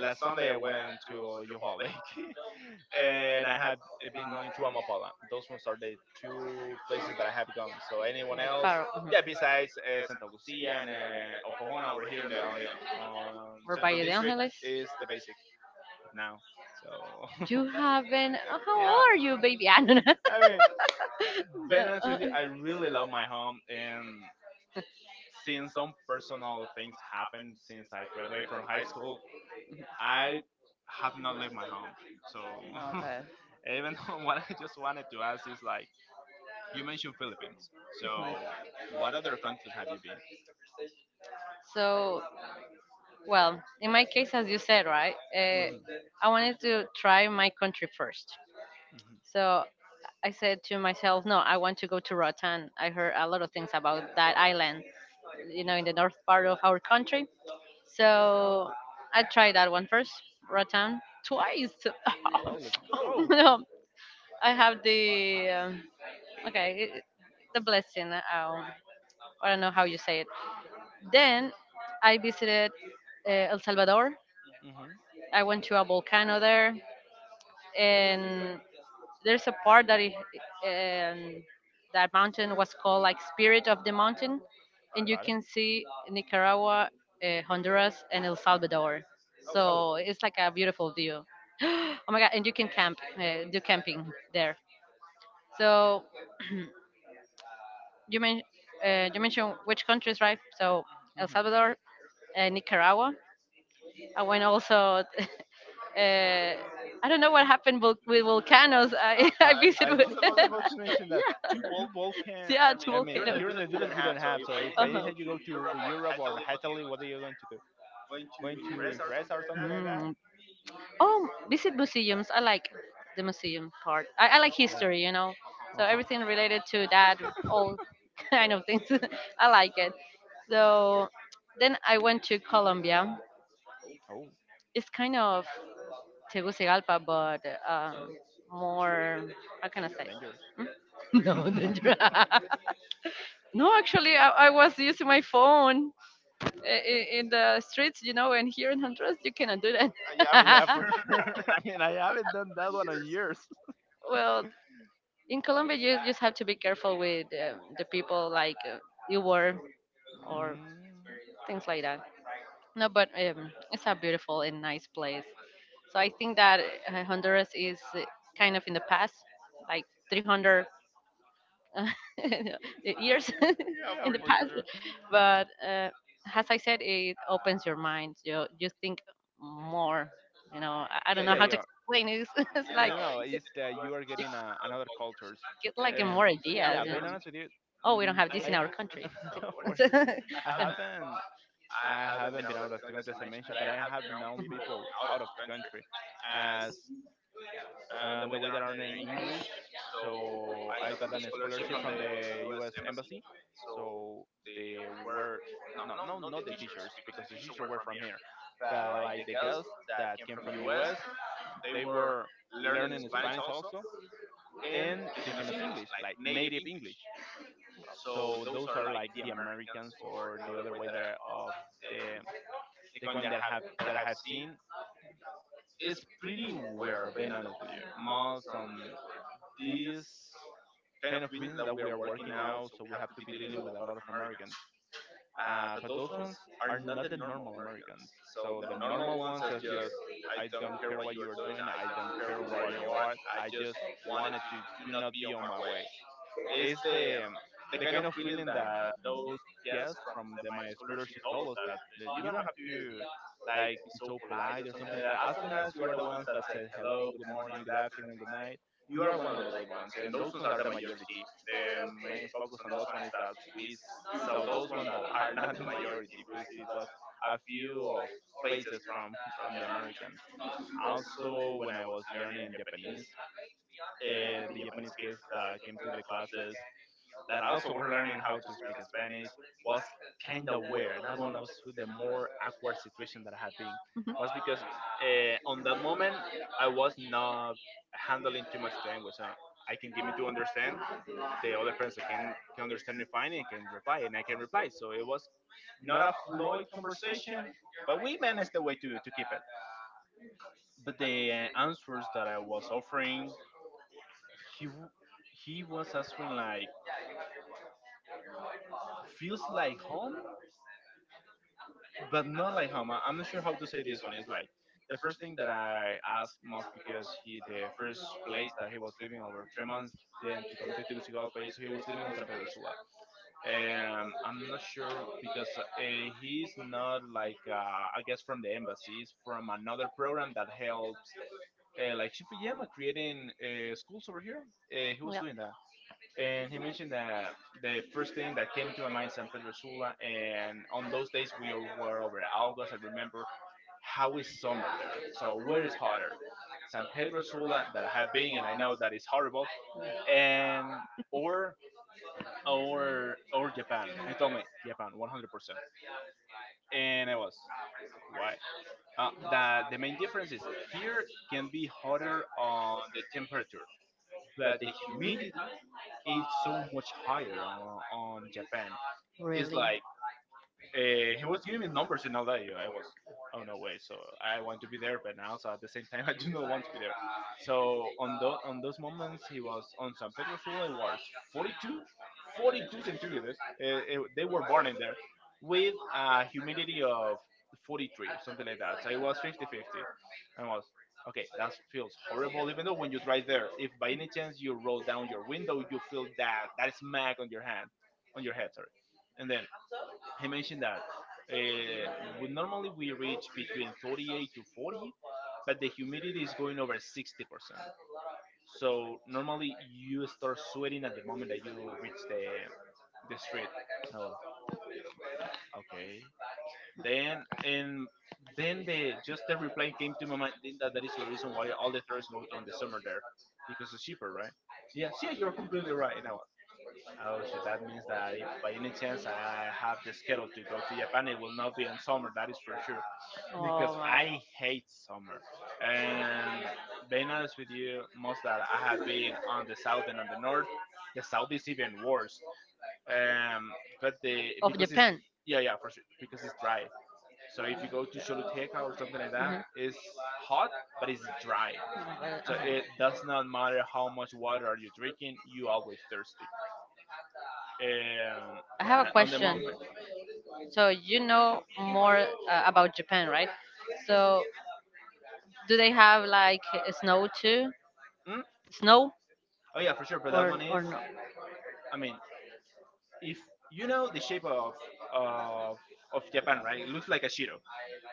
A: last Sunday I went to Yoho Lake, <laughs> and I had eh, been going to Amapala. Those ones are the two places that I have
B: Like
A: gone. So, anyone else?
B: Faro.
A: Yeah, besides Santa Lucia and Ojohona over here in
B: Mhm.
A: on the on
B: Or
A: Central
B: Valle de
A: District
B: Angeles.
A: is the basic now. So,
B: You haven't. <laughs>
A: <laughs>
B: How
A: yeah.
B: old are you, baby? <laughs> I don't know.
A: I mean, being honest with you, I
B: <laughs>
A: really love my home, and since some personal things happened since I graduated from high school, I have not left my home. So <laughs>
B: Okay.
A: even though what I just wanted to ask is like, you mentioned Philippines. So what other countries have you been?
B: So well, in my case, as you said, right,
A: Hmm.
B: I wanted to try my country first.
A: Hmm.
B: So I said to myself, no, I want to go to Rotan. I heard a lot of things about that island, you know, in the north part of our country. So I tried that one first, Rotan, twice.
A: Oh, let's
B: <laughs>
A: go.
B: No, I have the, okay, it, the blessing. I don't know how you say it. Then I visited El Salvador.
A: Hmm.
B: I went to a volcano there and there's a part that it, um, that mountain was called like Spirit of the Mountain,
A: I
B: and you
A: got it.
B: can see Nicaragua, Honduras, and El Salvador.
A: Oh.
B: So it's like a beautiful view. <gasps> Oh my god! And you can camp, do camping there. So <clears throat> you men- you mentioned which countries, right? So El
A: Mm-hmm.
B: Salvador, Nicaragua. I went also. <laughs> Uh, I don't know what happened vul- with volcanoes. I, <laughs> I
A: I
B: visited.
A: just was about to mention that two Balkan.
B: Yeah, to
A: I mean,
B: volcano.
A: here in
B: Do
A: Honduras we don't have. So if
B: uh-huh.
A: by any
B: Go
A: chance you go to Europe or Italy, what are you going to do? Going
B: do?
A: to impress or something like that?
B: Mm. Oh, visit museums. I like the museum part. I like
A: Oh,
B: history, you know.
A: uh
B: So
A: huh.
B: everything related to that, all <laughs> kind of things. <laughs> I like it. So then I went to Colombia.
A: Oh,
B: It's kind of Tegucigalpa, but um, more. How can I say?
A: dangerous.
B: <laughs> No, danger.
A: <laughs>
B: <laughs> No, actually, I was using my phone. I- in the streets, you know, and here in Honduras, you cannot do that. <laughs>
A: Yeah, for
B: For <laughs>
A: sure. <laughs> I mean, I haven't done that one in years. <laughs>
B: well, in Colombia, you just have to be careful with the people like you were or
A: Mm,
B: things like that. No, but it's a beautiful and nice place. So I think that Honduras is kind of in the past, like 300 uh, <laughs> the years <laughs> yeah, in
A: yeah,
B: the sure.
A: for
B: Past much.
A: sure.
B: But as I said it opens your mind you you think more you know I don't know
A: Yeah,
B: how yeah. To
A: yeah.
B: explain it <laughs> it's like
A: You know,
B: you
A: it's that you are
B: you
A: getting another cultures.
B: get like yeah. More
A: Um,
B: yeah, ideas
A: yeah,
B: you
A: being
B: know
A: honest with you,
B: oh we don't
A: mm,
B: have this in
A: I
B: our country
A: ha- <laughs> no
B: <laughs> Yeah.
A: worries.
B: I
A: I
B: <laughs> yeah.
A: haven't I haven't been out of the country as I mentioned, but I have known people out of the country as the way that I learned English. So I got an scholarship from the U.S. embassy. So they were no, no, not the teachers because the teachers were from here, but like the girls that came from U.S. They were learning Spanish also, and teaching us English, like native English. So those are like the Americans, or the other way that are of the the coin that have that I have seen, is pretty rare, being honest with you. Most on this kind of business that we are working now, so we have to be dealing with a lot of Americans. But those ones are not the normal Americans. So the normal ones is just I don't care what you are doing, I don't care where you are, I just wanted to do not be on my way. It's the kind of feeling that those guests from the my scholarship told us that, that you don't have to like be so polite or something like that. As long as you are the ones that said hello, good morning, good afternoon, good night, you are one of the good ones, and those ones are the majority. The main focus on those one is that we saw those ones that are not the majority. We see those a few of faces from <laughs> from the Americans. Also, when I was learning Japanese, the Japanese kids that came to the classes that also were learning how to speak Spanish was kind of weird. That one was the more awkward situation that I had been.
B: Mhm.
A: Most because on that moment, I was not handling too much language. I can give me to understand. The other person can understand me fine and can reply, and I can reply. So it was not a fluid conversation, but we managed the way to keep it. But the answers that I was offering, he w- he was answering like feels like but not like home. I'm not sure how to say this one. It's like the first thing that I asked was because he the first place that he was living over 3 months then to come to Tegucigalpa is he was living on San Pedro Sula. I'm not sure because he's not like I guess from the embassy. He's from another program that helps like Shinfuyama creating schools over here. He was
B: Yeah.
A: doing that and he mentioned that the first thing that came to my mind is San Pedro Sula, and on those days we were over at August. I remember how is summer there? So where is hotter, San Pedro Sula that I have been, and I know that it's horrible, and or or Japan. He told me Japan 100%, and I was why? That the main difference is here can be hotter on the temperature, but the humidity is so much higher on Japan. It's like he was giving me numbers and all that. You know, I was, oh no way. So I want to be there, but now, also at the same time, <laughs> I do not want to be there. So on those moments, he was on San Pedro Sula. It was 42, 42 centigrades. They were burning there with a humidity of 43, something like that. So it was 50-50, and was okay. That feels horrible. Even though when you drive there, if by any chance you roll down your window, you feel that smack on your hand, on your head. Sorry, and then he mentioned that uh, normally we reach between 38 to 40, but the humidity is going over 60%. So normally you start sweating at the moment that you reach the street. I was okay. Then and then the just the reply came to my mind that that is the reason why all the tourists go down the summer there because it's cheaper, right? Yes, yeah, you're completely right. You know, oh shit! That means that if by any chance I have the schedule to go to Japan, it will not be in summer. That is for sure because
B: Oh my
A: I hate summer. And being honest with you, most that I have been on the south and on the north, the south is even worse. Um, but the
B: of
A: because it's
B: japan
A: yeah, yeah, for sure because it's dry. So if you go to Choluteca or something like that,
B: mhm.
A: it's hot but it's dry. So
B: Uh,
A: it does not matter how much water are you drinking, you always thirsty.
B: I have a On
A: But
B: the
A: on the
B: question.
A: moment,
B: Mountain. So you know more about Japan, right? So do they have like snow too?
A: mm?
B: Snow
A: Oh yeah, for sure. But that one is,
B: or no?
A: I mean, if you know the shape of of Japan, right? It looks like a Shiro.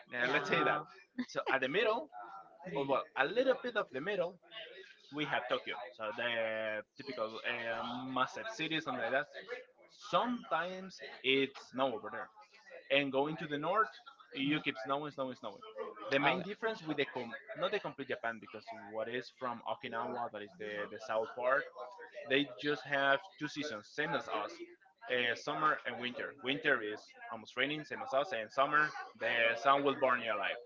A: Now let's say that. So at the middle, or well, a little bit of the middle, we have Tokyo. So the typical massive cities, something like that. Sometimes it's snow over there, and going to the north, you keep snowing, snowing, snowing. The main difference with not the complete Japan because what is from Okinawa, that is the south part, they just have two seasons, same as us, summer and winter. Winter is almost raining, same as us, and summer the sun will burn you alive.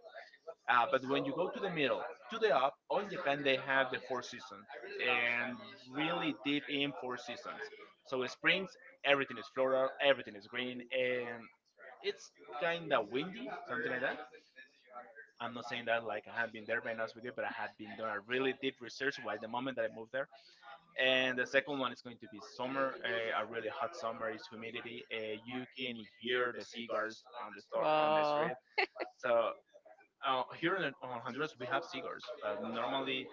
A: But when you go to the middle, to the up, on Japan they have the four seasons and really deep in four seasons. So springs, everything is floral, everything is green, and it's kind of windy, something like that. I'm not saying that like I have been there, being honest with you, but I have been doing a really deep research. By the moment that I moved there, and the second one is going to be summer, a really hot summer is humidity, you can hear the cigars on the store on the
B: Oh,
A: street. So here in on Honduras we have cigars but normally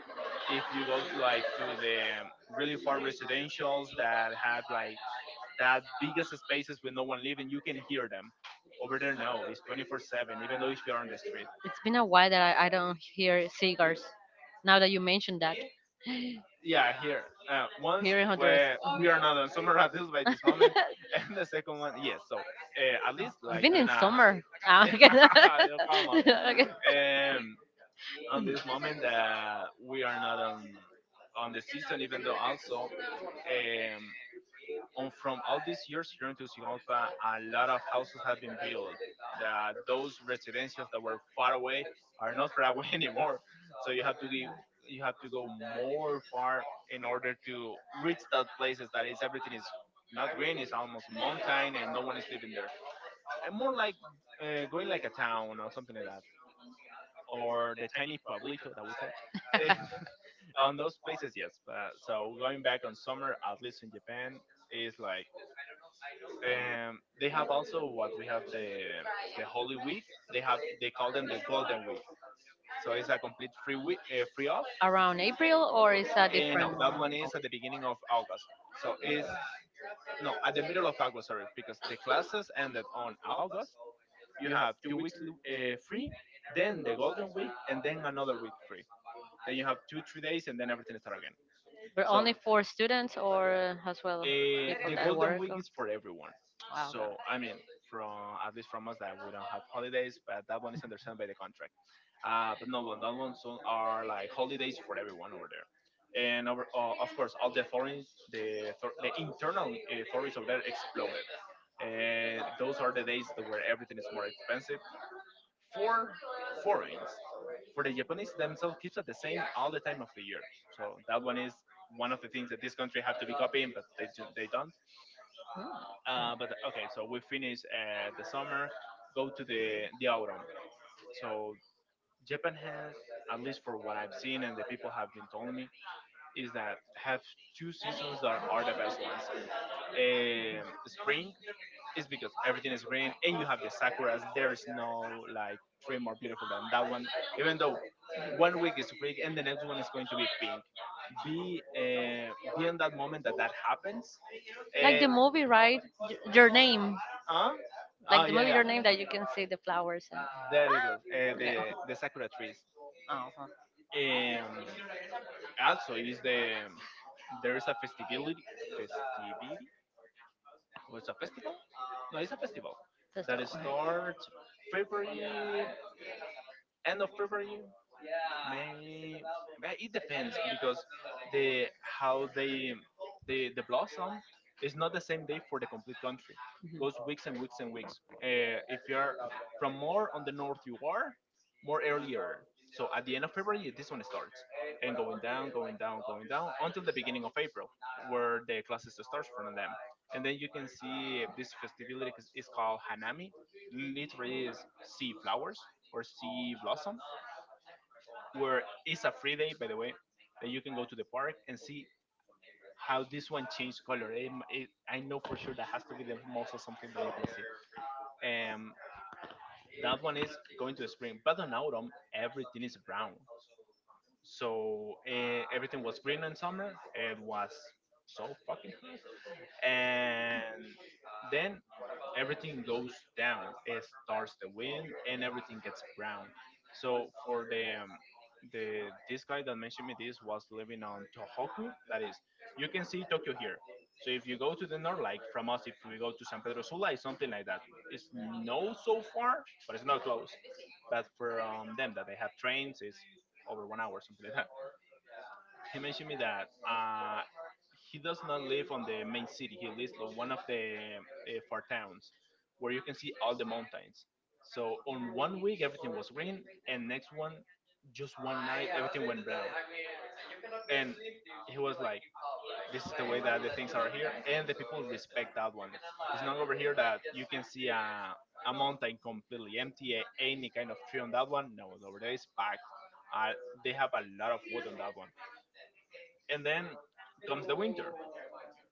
A: if you go to like to the really far residentials that have like that biggest spaces with no one living you can hear them over there. No, it's 24/7 even though if you're on the street.
B: it's been a while that I don't hear cigars. Now that you mentioned that,
A: Yeah, here once
B: here in Honduras,
A: where we are not on
B: <laughs>
A: summer <laughs> deals by this moment <laughs> and the second one, yes, so at least
B: it's
A: like
B: been in
A: doing a
B: summer. Ah, okay.
A: <laughs> I'll come
B: <laughs>
A: on.
B: Okay.
A: um on this moment that we are not on the season even though also um on from all these years here in Tegucigalpa, a lot of houses have been built. That those residences that were far away are not far away <laughs> anymore. So you have to give, you have to go more far in order to reach that places that is everything is not green, it's almost a mountain, and no one is living there. And more like going like a town or something like that, or the tiny pueblito that we said. <laughs> On those places, yes. But so going back on summer, at least in Japan, is like they have also what we have the Holy Week. They call them the Golden Week. So it's a complete free week, free off.
B: Around April, or is that
A: And no,
B: different?
A: that one is at the beginning of August. So it's no at the middle of August. Sorry, because the classes ended on August. You have 2 weeks free, then the Golden Week, and then another week free. Then you have 2 3 days, and then everything start again.
B: But
A: So
B: only for students or as well people
A: The
B: that
A: Golden
B: work.
A: Week is for everyone.
B: Wow.
A: So I mean, from at least from us that we don't have holidays, but that one is understood by the contract. But no, but that one so are like holidays for everyone over there. And over, of course, all the foreign, the internal authorities over there exploded. And those are the days that where everything is more expensive for foreigners. For the Japanese themselves, keeps at the same all the time of the year. So that one is one of the things that this country have to be copying, but they they don't. But okay, so we finish the summer, go to the autumn. So Japan has, at least for what I've seen and the people have been telling me, is that have two seasons that are the best ones. Spring is because everything is green and you have the sakuras. There is no like tree more beautiful than that one. Even though one week is green and the next one is going to be pink. Be on that moment that that happens.
B: Like
A: Uh,
B: the movie, right? Y- Your name. Oh
A: huh?
B: like
A: Oh
B: oh, the
A: yeah,
B: movie,
A: yeah.
B: your name, that you can see the flowers and
A: There it goes. The sakura trees.
B: uh-huh.
A: Um, also, is the there is a festivality festivity or it's a festival? No, it's a festival
B: That's
A: that
B: the
A: starts February, end of February, May, but it depends because the how they the blossom is not the same day for the complete country. Goes weeks and weeks and weeks. If you're from more on the north, you are more earlier. So at the end of February, this one starts and going down, going down, going down until the beginning of April, where the classes starts from them. And then you can see this festivity is called Hanami, literally is sea flowers or sea blossom where it's a free day, by the way, that you can go to the park and see how this one changed color. I know for sure that has to be the most of something that you can see. Um, that one is going to the spring, but on autumn everything is brown. So everything was green in summer. It was so fucking hot, and then everything goes down. It starts the wind, and everything gets brown. So for the this guy that mentioned me this was living on Tohoku. That is, you can see Tokyo here. So if you go to the north, like from us, if we go to San Pedro Sula, it's something like that. It's no so far, but it's not close. But for them that they have trains, is over 1 hour, something like that. He mentioned me that he does not live on the main city. He lives on one of the far towns where you can see all the mountains. So on one week everything was green, and next one, just one night everything went brown. And he was like, "This is the way that the things are here," and the people respect that one. It's not over here that you can see a mountain completely empty, any kind of tree on that one. No, over there is packed. Uh, they have a lot of wood on that one, and then comes the winter.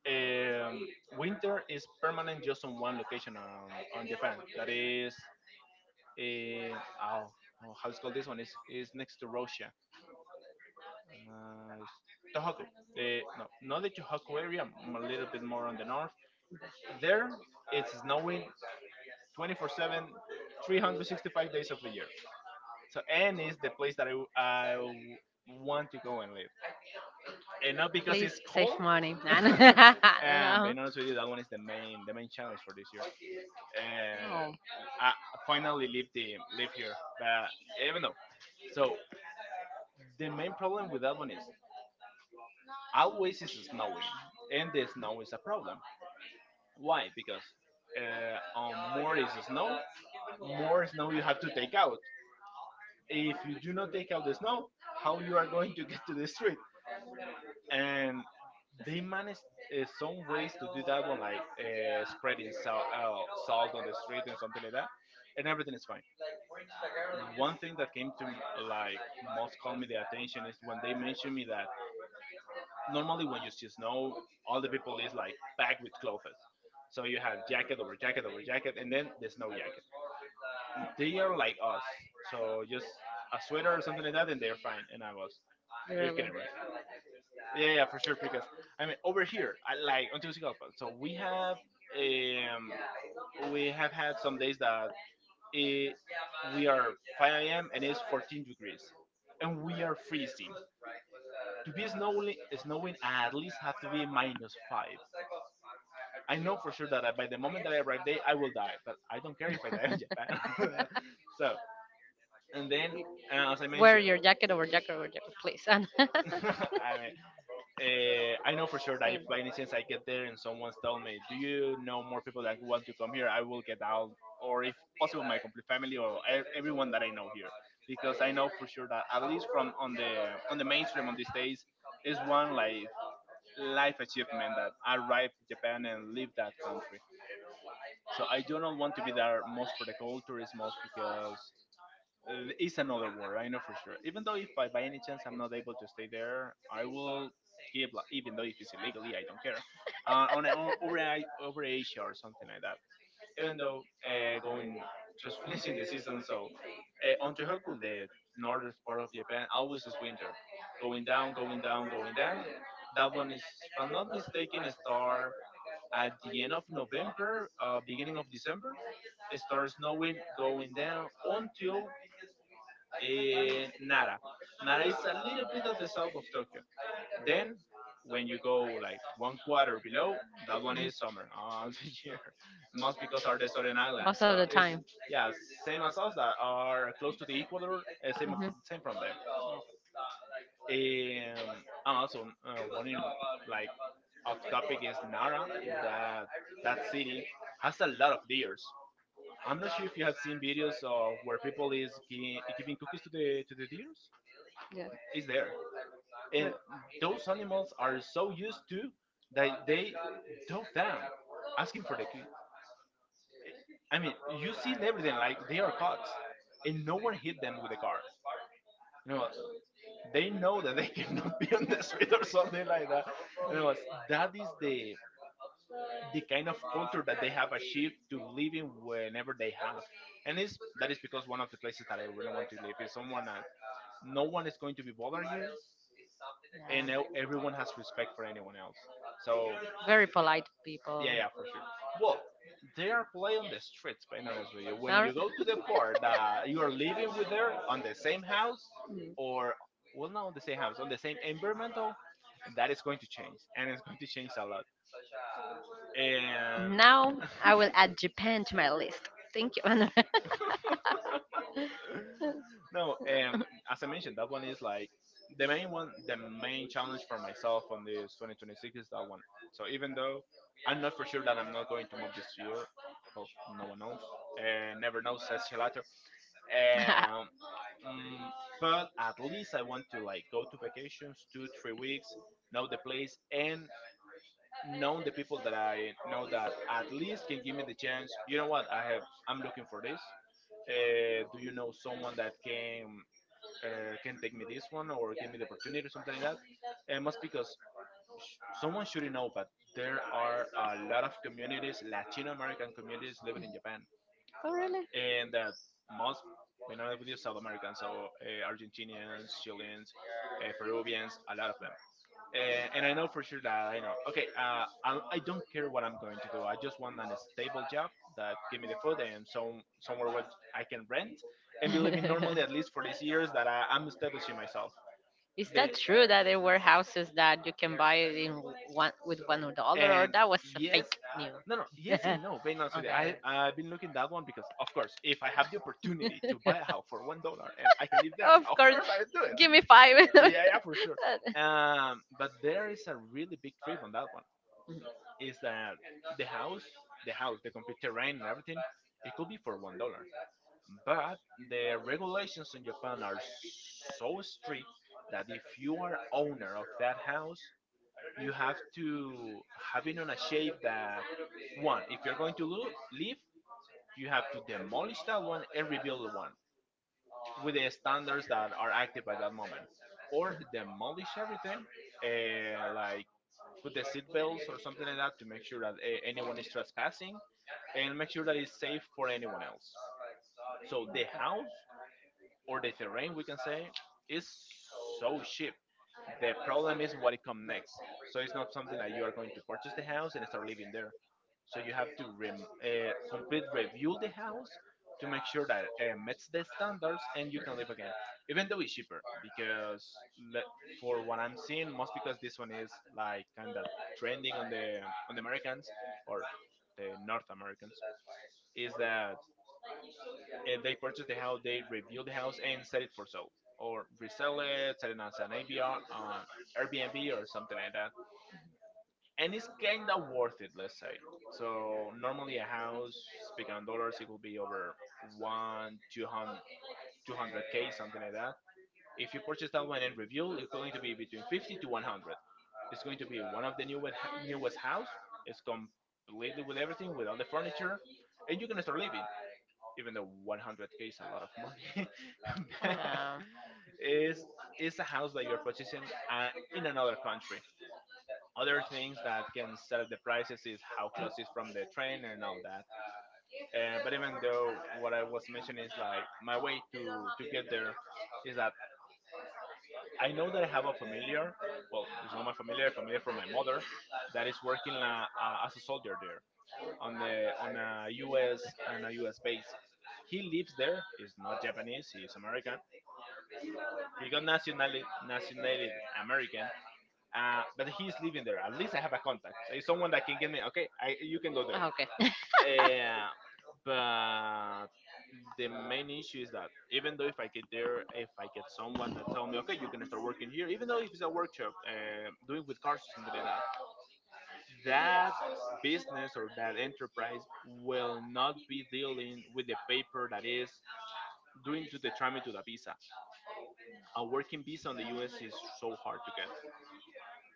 A: Winter is permanent just on one location on Japan. That is, uh, oh, oh, how it's called, this one is next to Russia. It's Tohoku. No, not the Tohoku area. A little bit more on the north. There, it's snowing 24/7, 365 days of the year. So, and is the place that want to go and live, and not because
B: please
A: it's
B: save old,
A: cold.
B: money. <laughs> Uh-huh.
A: <laughs> And being honest with you, that one is the main challenge for this year. Uh,
B: You
A: I finally live here, but even though, so the main problem with that one is always is snowing, and the snow is a problem. Why? Because on more is snow, more snow you have to take out. If you do not take out the snow, how you are going to get to the street? And they managed some ways to do that one, like spreading salt, salt on the street and something like that, and everything is fine. One thing that came to like most call me the attention is when they mentioned me that normally when you see snow, all the people is like packed with clothes, so you have jacket over jacket over jacket, and then the snow jacket. They are like us, so just a sweater or something like that, and they're fine. And I was,
B: can,
A: "Are you
B: literally.
A: kidding, right?" Yeah, yeah, for sure. Because I mean, over here, I like on Tegucigalpa. So um we have had some days that eh, we are 5 a.m. and it's 14 degrees, and we are freezing. To be snowing, snowing I at least have to be -5. I know for sure that by the moment that I arrive there, I will die. But I don't care if I die in Japan. <laughs> So and then, as I
B: <laughs> Wear
A: mentioned,
B: your jacket over jacket over jacket, please. And <laughs> know more
A: <laughs> I mean, I know for sure that if by any chance I get there and someone's telling me, "Do you know more people that want to come here?" I will get out, or if possible, my complete family or everyone that I know here, because I know for sure that at least from on the mainstream on these days is one life achievement that arrived in Japan and leave that country. So I do not want to be there most for the culture is most because is another word. I know for sure. Even though if I by any chance I'm not able to stay there, I will give. Like, even though if it's illegally, I don't care. On over over Asia or something like that. Even though going just <laughs> finishing the season, so on Tohoku, the northern part of Japan, always is winter, going down, going down, going down. That one is, if I'm not mistaken, a star at the end of November, beginning of December. It starts snowing, going down until in Nara. Nara is a little bit of the south of Tokyo. Then, when you go like one quarter below, that one is summer all <laughs> the year. Must because are the southern islands.
B: most of
A: So
B: the
A: it's
B: time.
A: yeah, same as us that are close to the equator. Same
B: Hmm
A: same from them. Also one in like off topic is Nara. That that city has a lot of deers. I'm not sure if you have seen videos of where people is giving cookies to the deers.
B: yeah.
A: It's there. And those animals are so used to that they dove down asking for the I mean, you see in everything like they are caught, and no one hit them with a car, you know, they know that they <laughs> cannot be on the street or something like that. And I was, that is the kind of culture that they have achieved to live in whenever they have. And it's that is because one of the places that I really want to live is someone that no one is going to be bother you, and
B: Yeah.
A: everyone has respect for anyone else. So
B: Very polite people.
A: yeah, yeah, for sure. Well, they are play on the streets, being honest with you. When
B: Are-
A: you go to the part that you are living with her on the same house, or well, not on the same house, on the same environmental, that is going to change, and it's going to change a lot. And
B: now I will add Japan to my list. Thank you. <laughs> And
A: <sighs> <laughs> no, as I mentioned, that one is like the main one, the main challenge for myself on this 2026 is that one. So even though I'm not for sure that I'm not going to move this year, well, no one knows, never knows, says Gelato.
B: oh
A: Um, mm, but at least I want to like go to vacations two, 3 weeks, know the place, and know the people that I know that at least can give me the chance. You know what? I have. I'm looking for this. Do you know someone that can take me this one or give me the opportunity or something like that? It must because someone should know, but there are a lot of communities, Latino American communities living in Japan.
B: really?
A: And that most minority with you South Americans, so Argentinians, Chileans, Peruvians, a lot of them. And I know for sure that I know. Okay, I don't care what I'm going to do. I just want an stable job that give me the food and some somewhere where I can rent and be living normally at least for these
B: <laughs>
A: years that I'm establishing myself.
B: Is
A: The
B: that true that there were houses that you can buy it in one with $1, or
A: and
B: that was a
A: yes,
B: fake news?
A: no no yes and no,
B: <laughs>
A: being honest with you, I've been looking that one because of course if I have the opportunity to buy a house for $1 and I can live there,
B: <laughs> Of
A: of
B: course,
A: course I would do it.
B: give me five. <laughs> Sure.
A: Yeah, yeah, for sure.
B: <laughs>
A: But there is a really big trip on that one, is that the house the house, the complete terrain and everything, it could be for $1. But the regulations in Japan are so strict that if you are owner of that house, you have to have it on a shape that one, if you're going to leave, you have to demolish that one and rebuild one with the standards that are active by that moment, or demolish everything, like put the seatbelts or something like that to make sure that anyone is trespassing, and make sure that it's safe for anyone else. So the house or the terrain we can say is so cheap. The problem is what it comes next, so it's not something like you are going to purchase the house and start living there. So you have to complete review the house to make sure that it meets the standards and you can live again, even though it's cheaper because le- for what I'm seeing most because this one is like kind of trending on the Americans, or the North Americans, is that, and they purchase the house, they review the house and set it for sale or resell it, set it as an ABR on Airbnb or something like that. And it's kind of worth it, let's say. So normally a house, speaking on dollars, it could be over one, 200, 200 k something like that. If you purchase that one and review, it's going to be between 50 to 100. It's going to be one of the newest, newest house. It's completely with everything, with all the furniture. And you're going to start living even though 100K is a lot of money. <laughs> But
B: Uh,
A: is is a house that you're purchasing in another country. Other things that can set the prices is how close it's from the train and all that. But even though what I was mentioning is like my way to get there is that I know that I have a familiar, well, it's not my familiar from my mother, that is working la, as a soldier there, on the on a U.S. and a U.S. base. He lives there. He's not Japanese. He's American. He got nationality American. But he's living there. At least I have a contact. So it's someone that can get me. Okay,
B: <laughs> you
A: you can go there.
B: there.
A: Uh, but the main issue is that, even though if I get there, if I get someone that tell me, okay, you can start working here, even though if it's a workshop, doing with cars or something like that, that business or that enterprise will not be dealing with the paper that is doing to the tramit to the visa. A working visa on the US is so hard to get.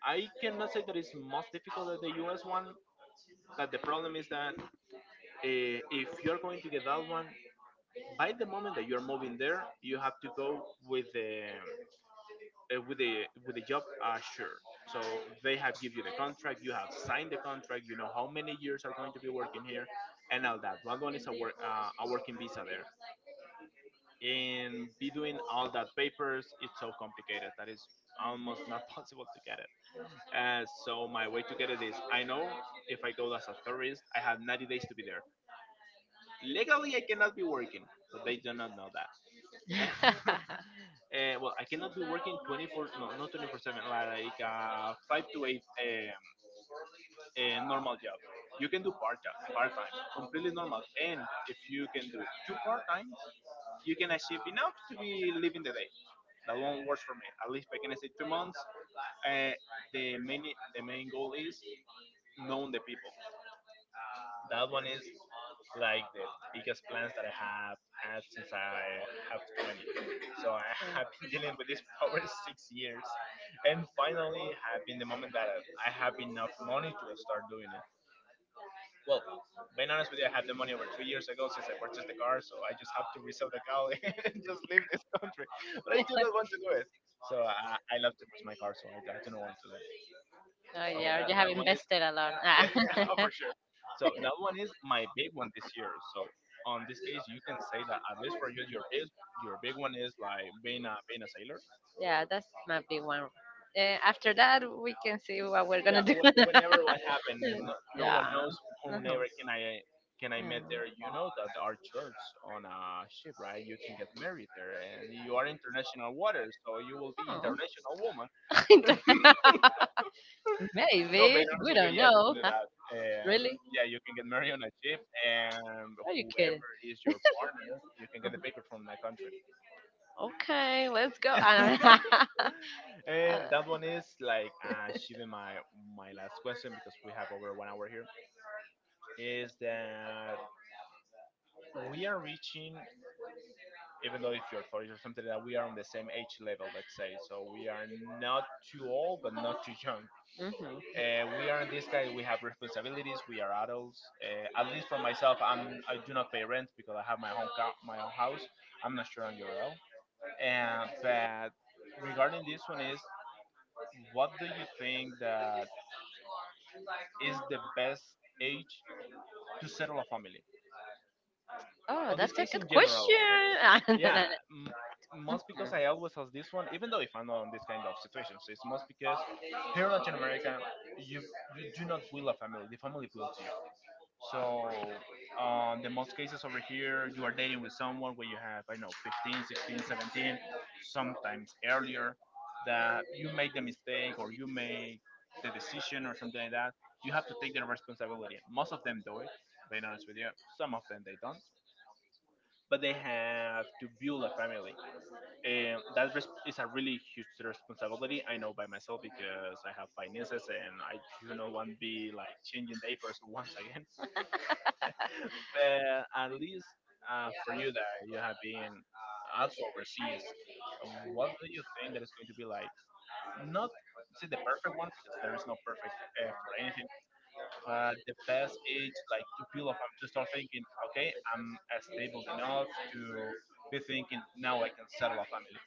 A: I cannot say that it's most difficult than the US one, but the problem is that, if you're going to get that one, by the moment that you're moving there, you have to go with the, with the job assured. So they have give you the contract, you have signed the contract, you know how many years are going to be working here, and all that. One is a work, a working visa there, and be doing all that papers. It's so complicated that is almost not <laughs> possible to get it. So my way to get it is, I know if I go as a tourist, I have 90 days to be there. Legally, I cannot be working, but they do not know that.
B: Okay.
A: <laughs>
B: <laughs>
A: Well, I cannot be working 24, no, not 24/7, like 5 to 8, a normal job. You can do part time, completely normal. And if you can do two-part time, you can achieve enough to be living the day. That one works for me. At least I can stay 2 months. Uh, the, main, the main goal is knowing the people. That one is like the biggest plans that I have had since I have 20. So I <laughs> have been dealing
B: <laughs>
A: with this for over 6 years. And finally having the moment that I have enough money to start doing it. Well, being honest with you, I had the money over 2 years ago since I purchased the car, so I just have to resell the car <laughs> and just leave this country. But I do not want to do it. So I love to use my car, so I do not want to do it. Okay, that,
B: Oh
A: that one is,
B: invested a lot.
A: <laughs> yeah,
B: <laughs> <laughs>
A: sure. So that one is my big one this year. So on this case, you can say that at least for you, your big one is like being a sailor,
B: Yeah, that's might be one. After that, we can see what we're
A: yeah, whatever what
B: <laughs>
A: happened, and no, no one knows whoever can I met there. You know that our church on a ship, right? You can get married there, and you are international waters, so you will be international
B: <laughs>
A: woman.
B: international. <laughs> No,
A: No,
B: maybe
A: being honest with you, yeah, um,
B: really?
A: yeah, you can get married on a ship, and
B: Are you
A: whoever is your partner, you can get the papers from that country.
B: whenever. Okay, let's go. <laughs> <laughs>
A: <laughs> And that one is like, achieving my last question, because we have over 1 hour here. Is that we are reaching, even though if you're 30 or something like that, we are on the same age level, let's say. So we are not too old but not too young.
B: And mm-hmm.
A: We are in this guy, we have responsibilities, we are adults. At least for myself, I do not pay rent because I have my own car, my own house. I'm not sure on your url. But regarding this one is, what do you think that is the best age to settle a family?
B: Oh,
A: On
B: that's
A: this
B: a
A: case in
B: good
A: general.
B: question. <laughs> No, no, no.
A: Yeah, m- most because I always ask this one, even though if I'm not in this kind of situation. So it's most because here in Latin America, you you do not will a family, the family will to you. So on the most cases over here you are dating with someone where you have, I don't know, 15, 16, 17, sometimes earlier, that you make the mistake or you make the decision or something like that, you have to take the responsibility. Most of them do it, being honest with you some of them they don't, but they have to build a family. And is a really huge responsibility. I know by myself because I have finances and I do not want to be like changing diapers once again. But at least, for you that you have been also overseas, what do you think that is going to be like? Not say the perfect one because there is no perfect, for anything, but the best age like to feel of, to start thinking, okay, I'm, stable enough to be thinking now I can settle a family.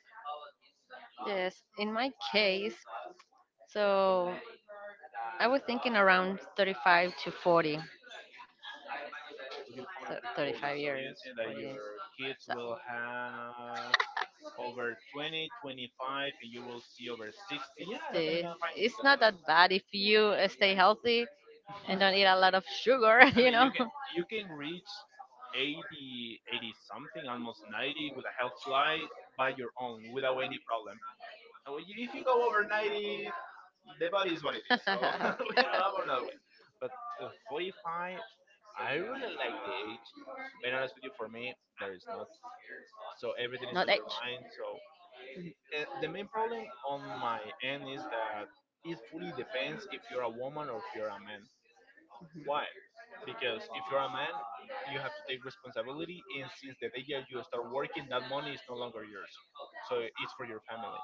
B: <laughs> Yes, in my case, so I was thinking around 35 to 40,
A: Define
B: th-
A: to 40.
B: 35
A: So you
B: years.
A: think that
B: 40.
A: your kids
B: So
A: will have over 20, 25, and you will see over 60. Yeah, I can
B: 60.
A: find
B: It's
A: because
B: not that bad if you stay healthy and don't eat a lot of sugar, <laughs> you
A: you
B: know.
A: can, you
B: <laughs>
A: can reach 80, 80 something, almost 90 with a health fly by your own without any problem. And when if you go over 90, the body is what it is. So <laughs> I'm another way. But 45, I really like the age. And honestly, for me, there is not. So everything is
B: Not
A: on
B: age.
A: your mind. So the main problem on my end is that it fully depends if you're a woman or if you're a man. Why? Because if you're a man, you have to take responsibility, and since the day that you start working, that money is no longer yours. So it's for your family.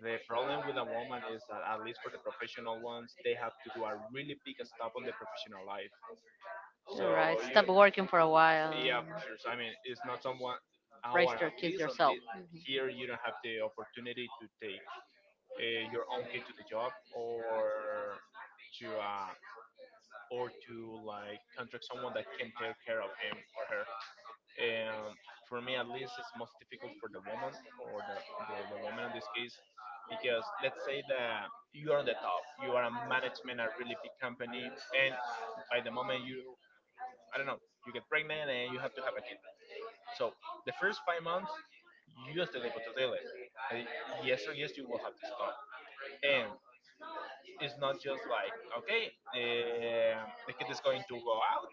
A: The problem with a woman is that, at least for the professional ones, they have to do a really big stop on their professional life. So,
B: You're right.
A: you,
B: Stop working for a while.
A: yeah, for sure. So, I mean, it's not someone,
B: Raise
A: or
B: their
A: at
B: kids
A: least on
B: yourself.
A: the, here, you don't have the opportunity to take, your own kid to the job, or to uh, to like contract someone that can take care of him or her. And for me, at least, it's most difficult for the woman, or the, the woman in this case, because let's say that you are on the top, you are a management, a really big company, and by the moment you, I don't know, you get pregnant and you have to have a kid. So the first 5 months, you are still able to deal it. Uh, Yes or yes, you will have to stop. It's not just like, okay, the kid is going to go out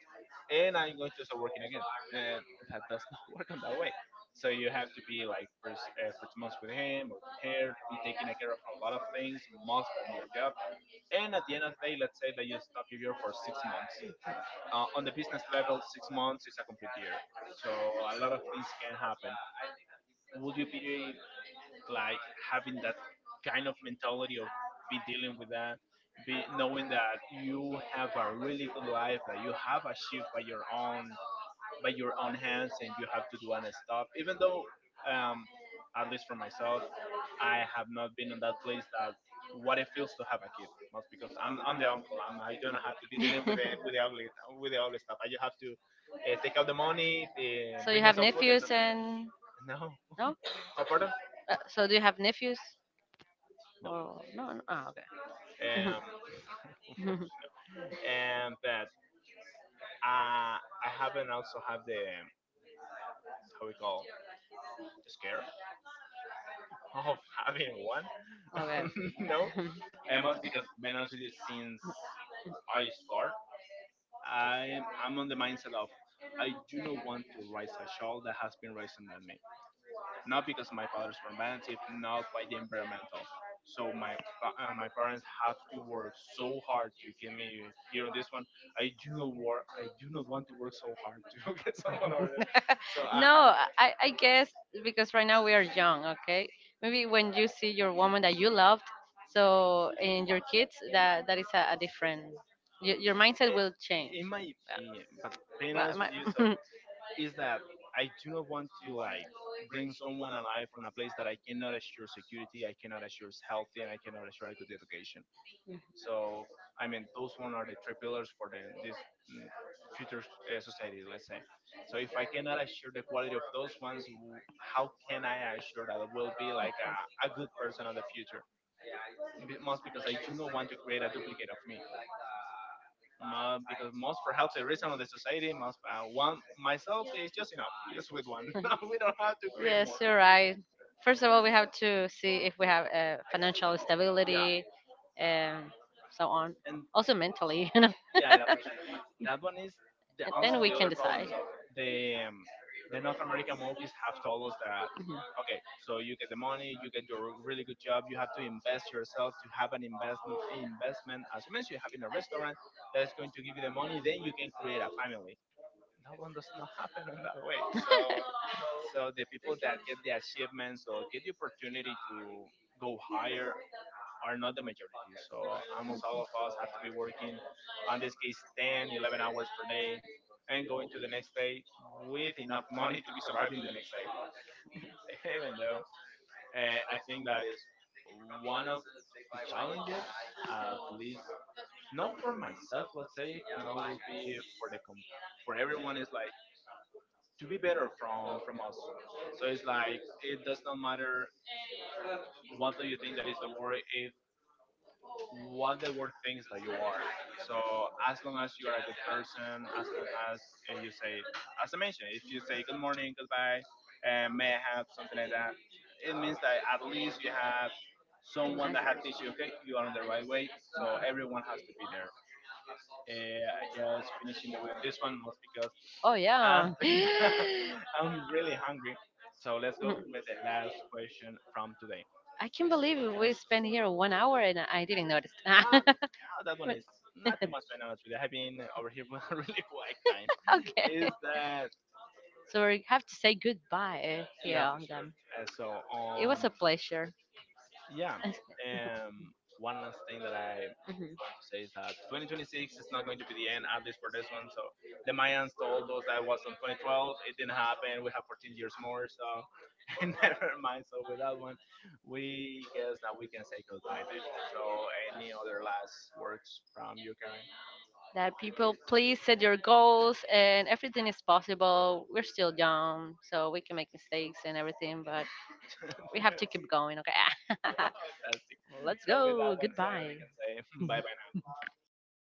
A: and I'm going to start working again. And that does not <laughs> work on that way. So you have to be like, first months with him or with her, be taking care of a lot of things, most of your job. And at the end of the day, let's say that you stop your year for 6 months. On the business level, 6 months is a complete year. So a lot of things can happen. Would you be like having that kind of mentality of be dealing with that, be knowing that you have a really good life that you have achieved by your own hands, and you have to do and stop. Even though, um, at least for myself, I have not been in that place that what it feels to have a kid. Most because I'm the uncle. I don't have to
B: <laughs>
A: be dealing with the with the ugly
B: <laughs>
A: with the ugly stuff. I just have to, take out the money,
B: So you and
A: bring in
B: have so
A: some
B: forth and
A: food.
B: nephews so
A: <laughs>
B: forth. And
A: No,
B: no?
A: oh pardon,
B: So do you have nephews?
A: no.
B: Or no, no. Ah. Um,
A: Um,
B: <laughs>
A: and but I I haven't also had the how we call the scare of <laughs> having one.
B: okay.
A: <laughs> No,
B: <laughs>
A: and most because being honest with you, since I start, I I'm on the mindset of I do not want to raise a child that has been raised than me. Not because my parents were manipulative, not by the environmental. So my my parents have to work so hard to get me here on this one. I do not work. I do not want to work so hard <laughs> to get someone over there.
B: <laughs> No, I guess because right now we are young, okay? Maybe when you see your woman that you loved, so in your kids, that that is a different. Your mindset will change.
A: It, it might be,
B: Opinion,
A: but being
B: well,
A: honest with you, so
B: my-
A: is that I do not want to like bring someone alive from a place that I cannot assure security, I cannot assure healthy, and I cannot assure a good education. So I mean, those one are the three pillars for the this mm, future, society, let's say. So if I cannot assure the quality of those ones, how can I assure that I will be like a good person of the future? Most because I do not want to create a duplicate of me. Ma-
B: <laughs>
A: because most for healthy reason on the society, most one myself is just enough, just with one. <laughs> We
B: <laughs>
A: don't have to create more.
B: you're right. First of all, we have to see if we have financial yeah,
A: Yeah,
B: and so on.
A: and
B: Also mentally, <laughs> you know.
A: yeah, that,
B: <laughs>
A: that one is the also the
B: Yeah,
A: other problem. So the um, the North American movies have told us that, okay, so you get the money, you get your really good job, you have to invest yourself to have an investment. As you mentioned, you have in a restaurant that is going to give you the money, then you can create a family. That one does not <laughs> happen in that way. So So the people that get the achievements or get the opportunity to go higher are not the majority. So almost all of us have to be working, on this case, 10, 11 hours per day and going to the next day with enough <laughs> money to be surviving the next day. <laughs> Even though, I think that is one of the challenges, at least not for myself, let's say, no will be for everyone is like to be better from us. So it's like it does not matter what do you think that is the word. If what the word thinks that you are. So as long as you're a good person, as long as, you say, as I mentioned, if you say good morning, goodbye, and may I have something like that, it means that at least you have someone that has
B: <laughs>
A: teach you, okay, you are on the right way. So everyone has to be there. Just finishing the way on this one, most because <laughs>
B: oh yeah. <laughs> <laughs>
A: I'm really hungry. So let's go with the last question from today.
B: I can't believe we spent here one hour and I didn't notice. <laughs>
A: Oh, that one is not too much right now. It's really, I've been over here <laughs> for a really quiet time.
B: Okay.
A: Is that,
B: So we have to say goodbye here
A: yeah, for
B: on them.
A: sure. Uh, so
B: It was
A: um,
B: a pleasure.
A: yeah.
B: <laughs>
A: One last thing that I
B: Mhm.
A: want to say is that 2026 is not going to be the end, at least for this one. So the Mayans told us that was in 2012. It didn't happen. We have 14 years more. So <laughs> and never mind. So with that one, we guess that we can say goodbye then. So any other last words from you, Karen?
B: That people please set your goals and everything is possible. We're still young, so we can make mistakes and everything, but we have to keep going, okay?
A: <laughs> Fantastic.
B: <laughs> Let's
A: So
B: so
A: with
B: with go.
A: that,
B: Goodbye.
A: <laughs> bye bye.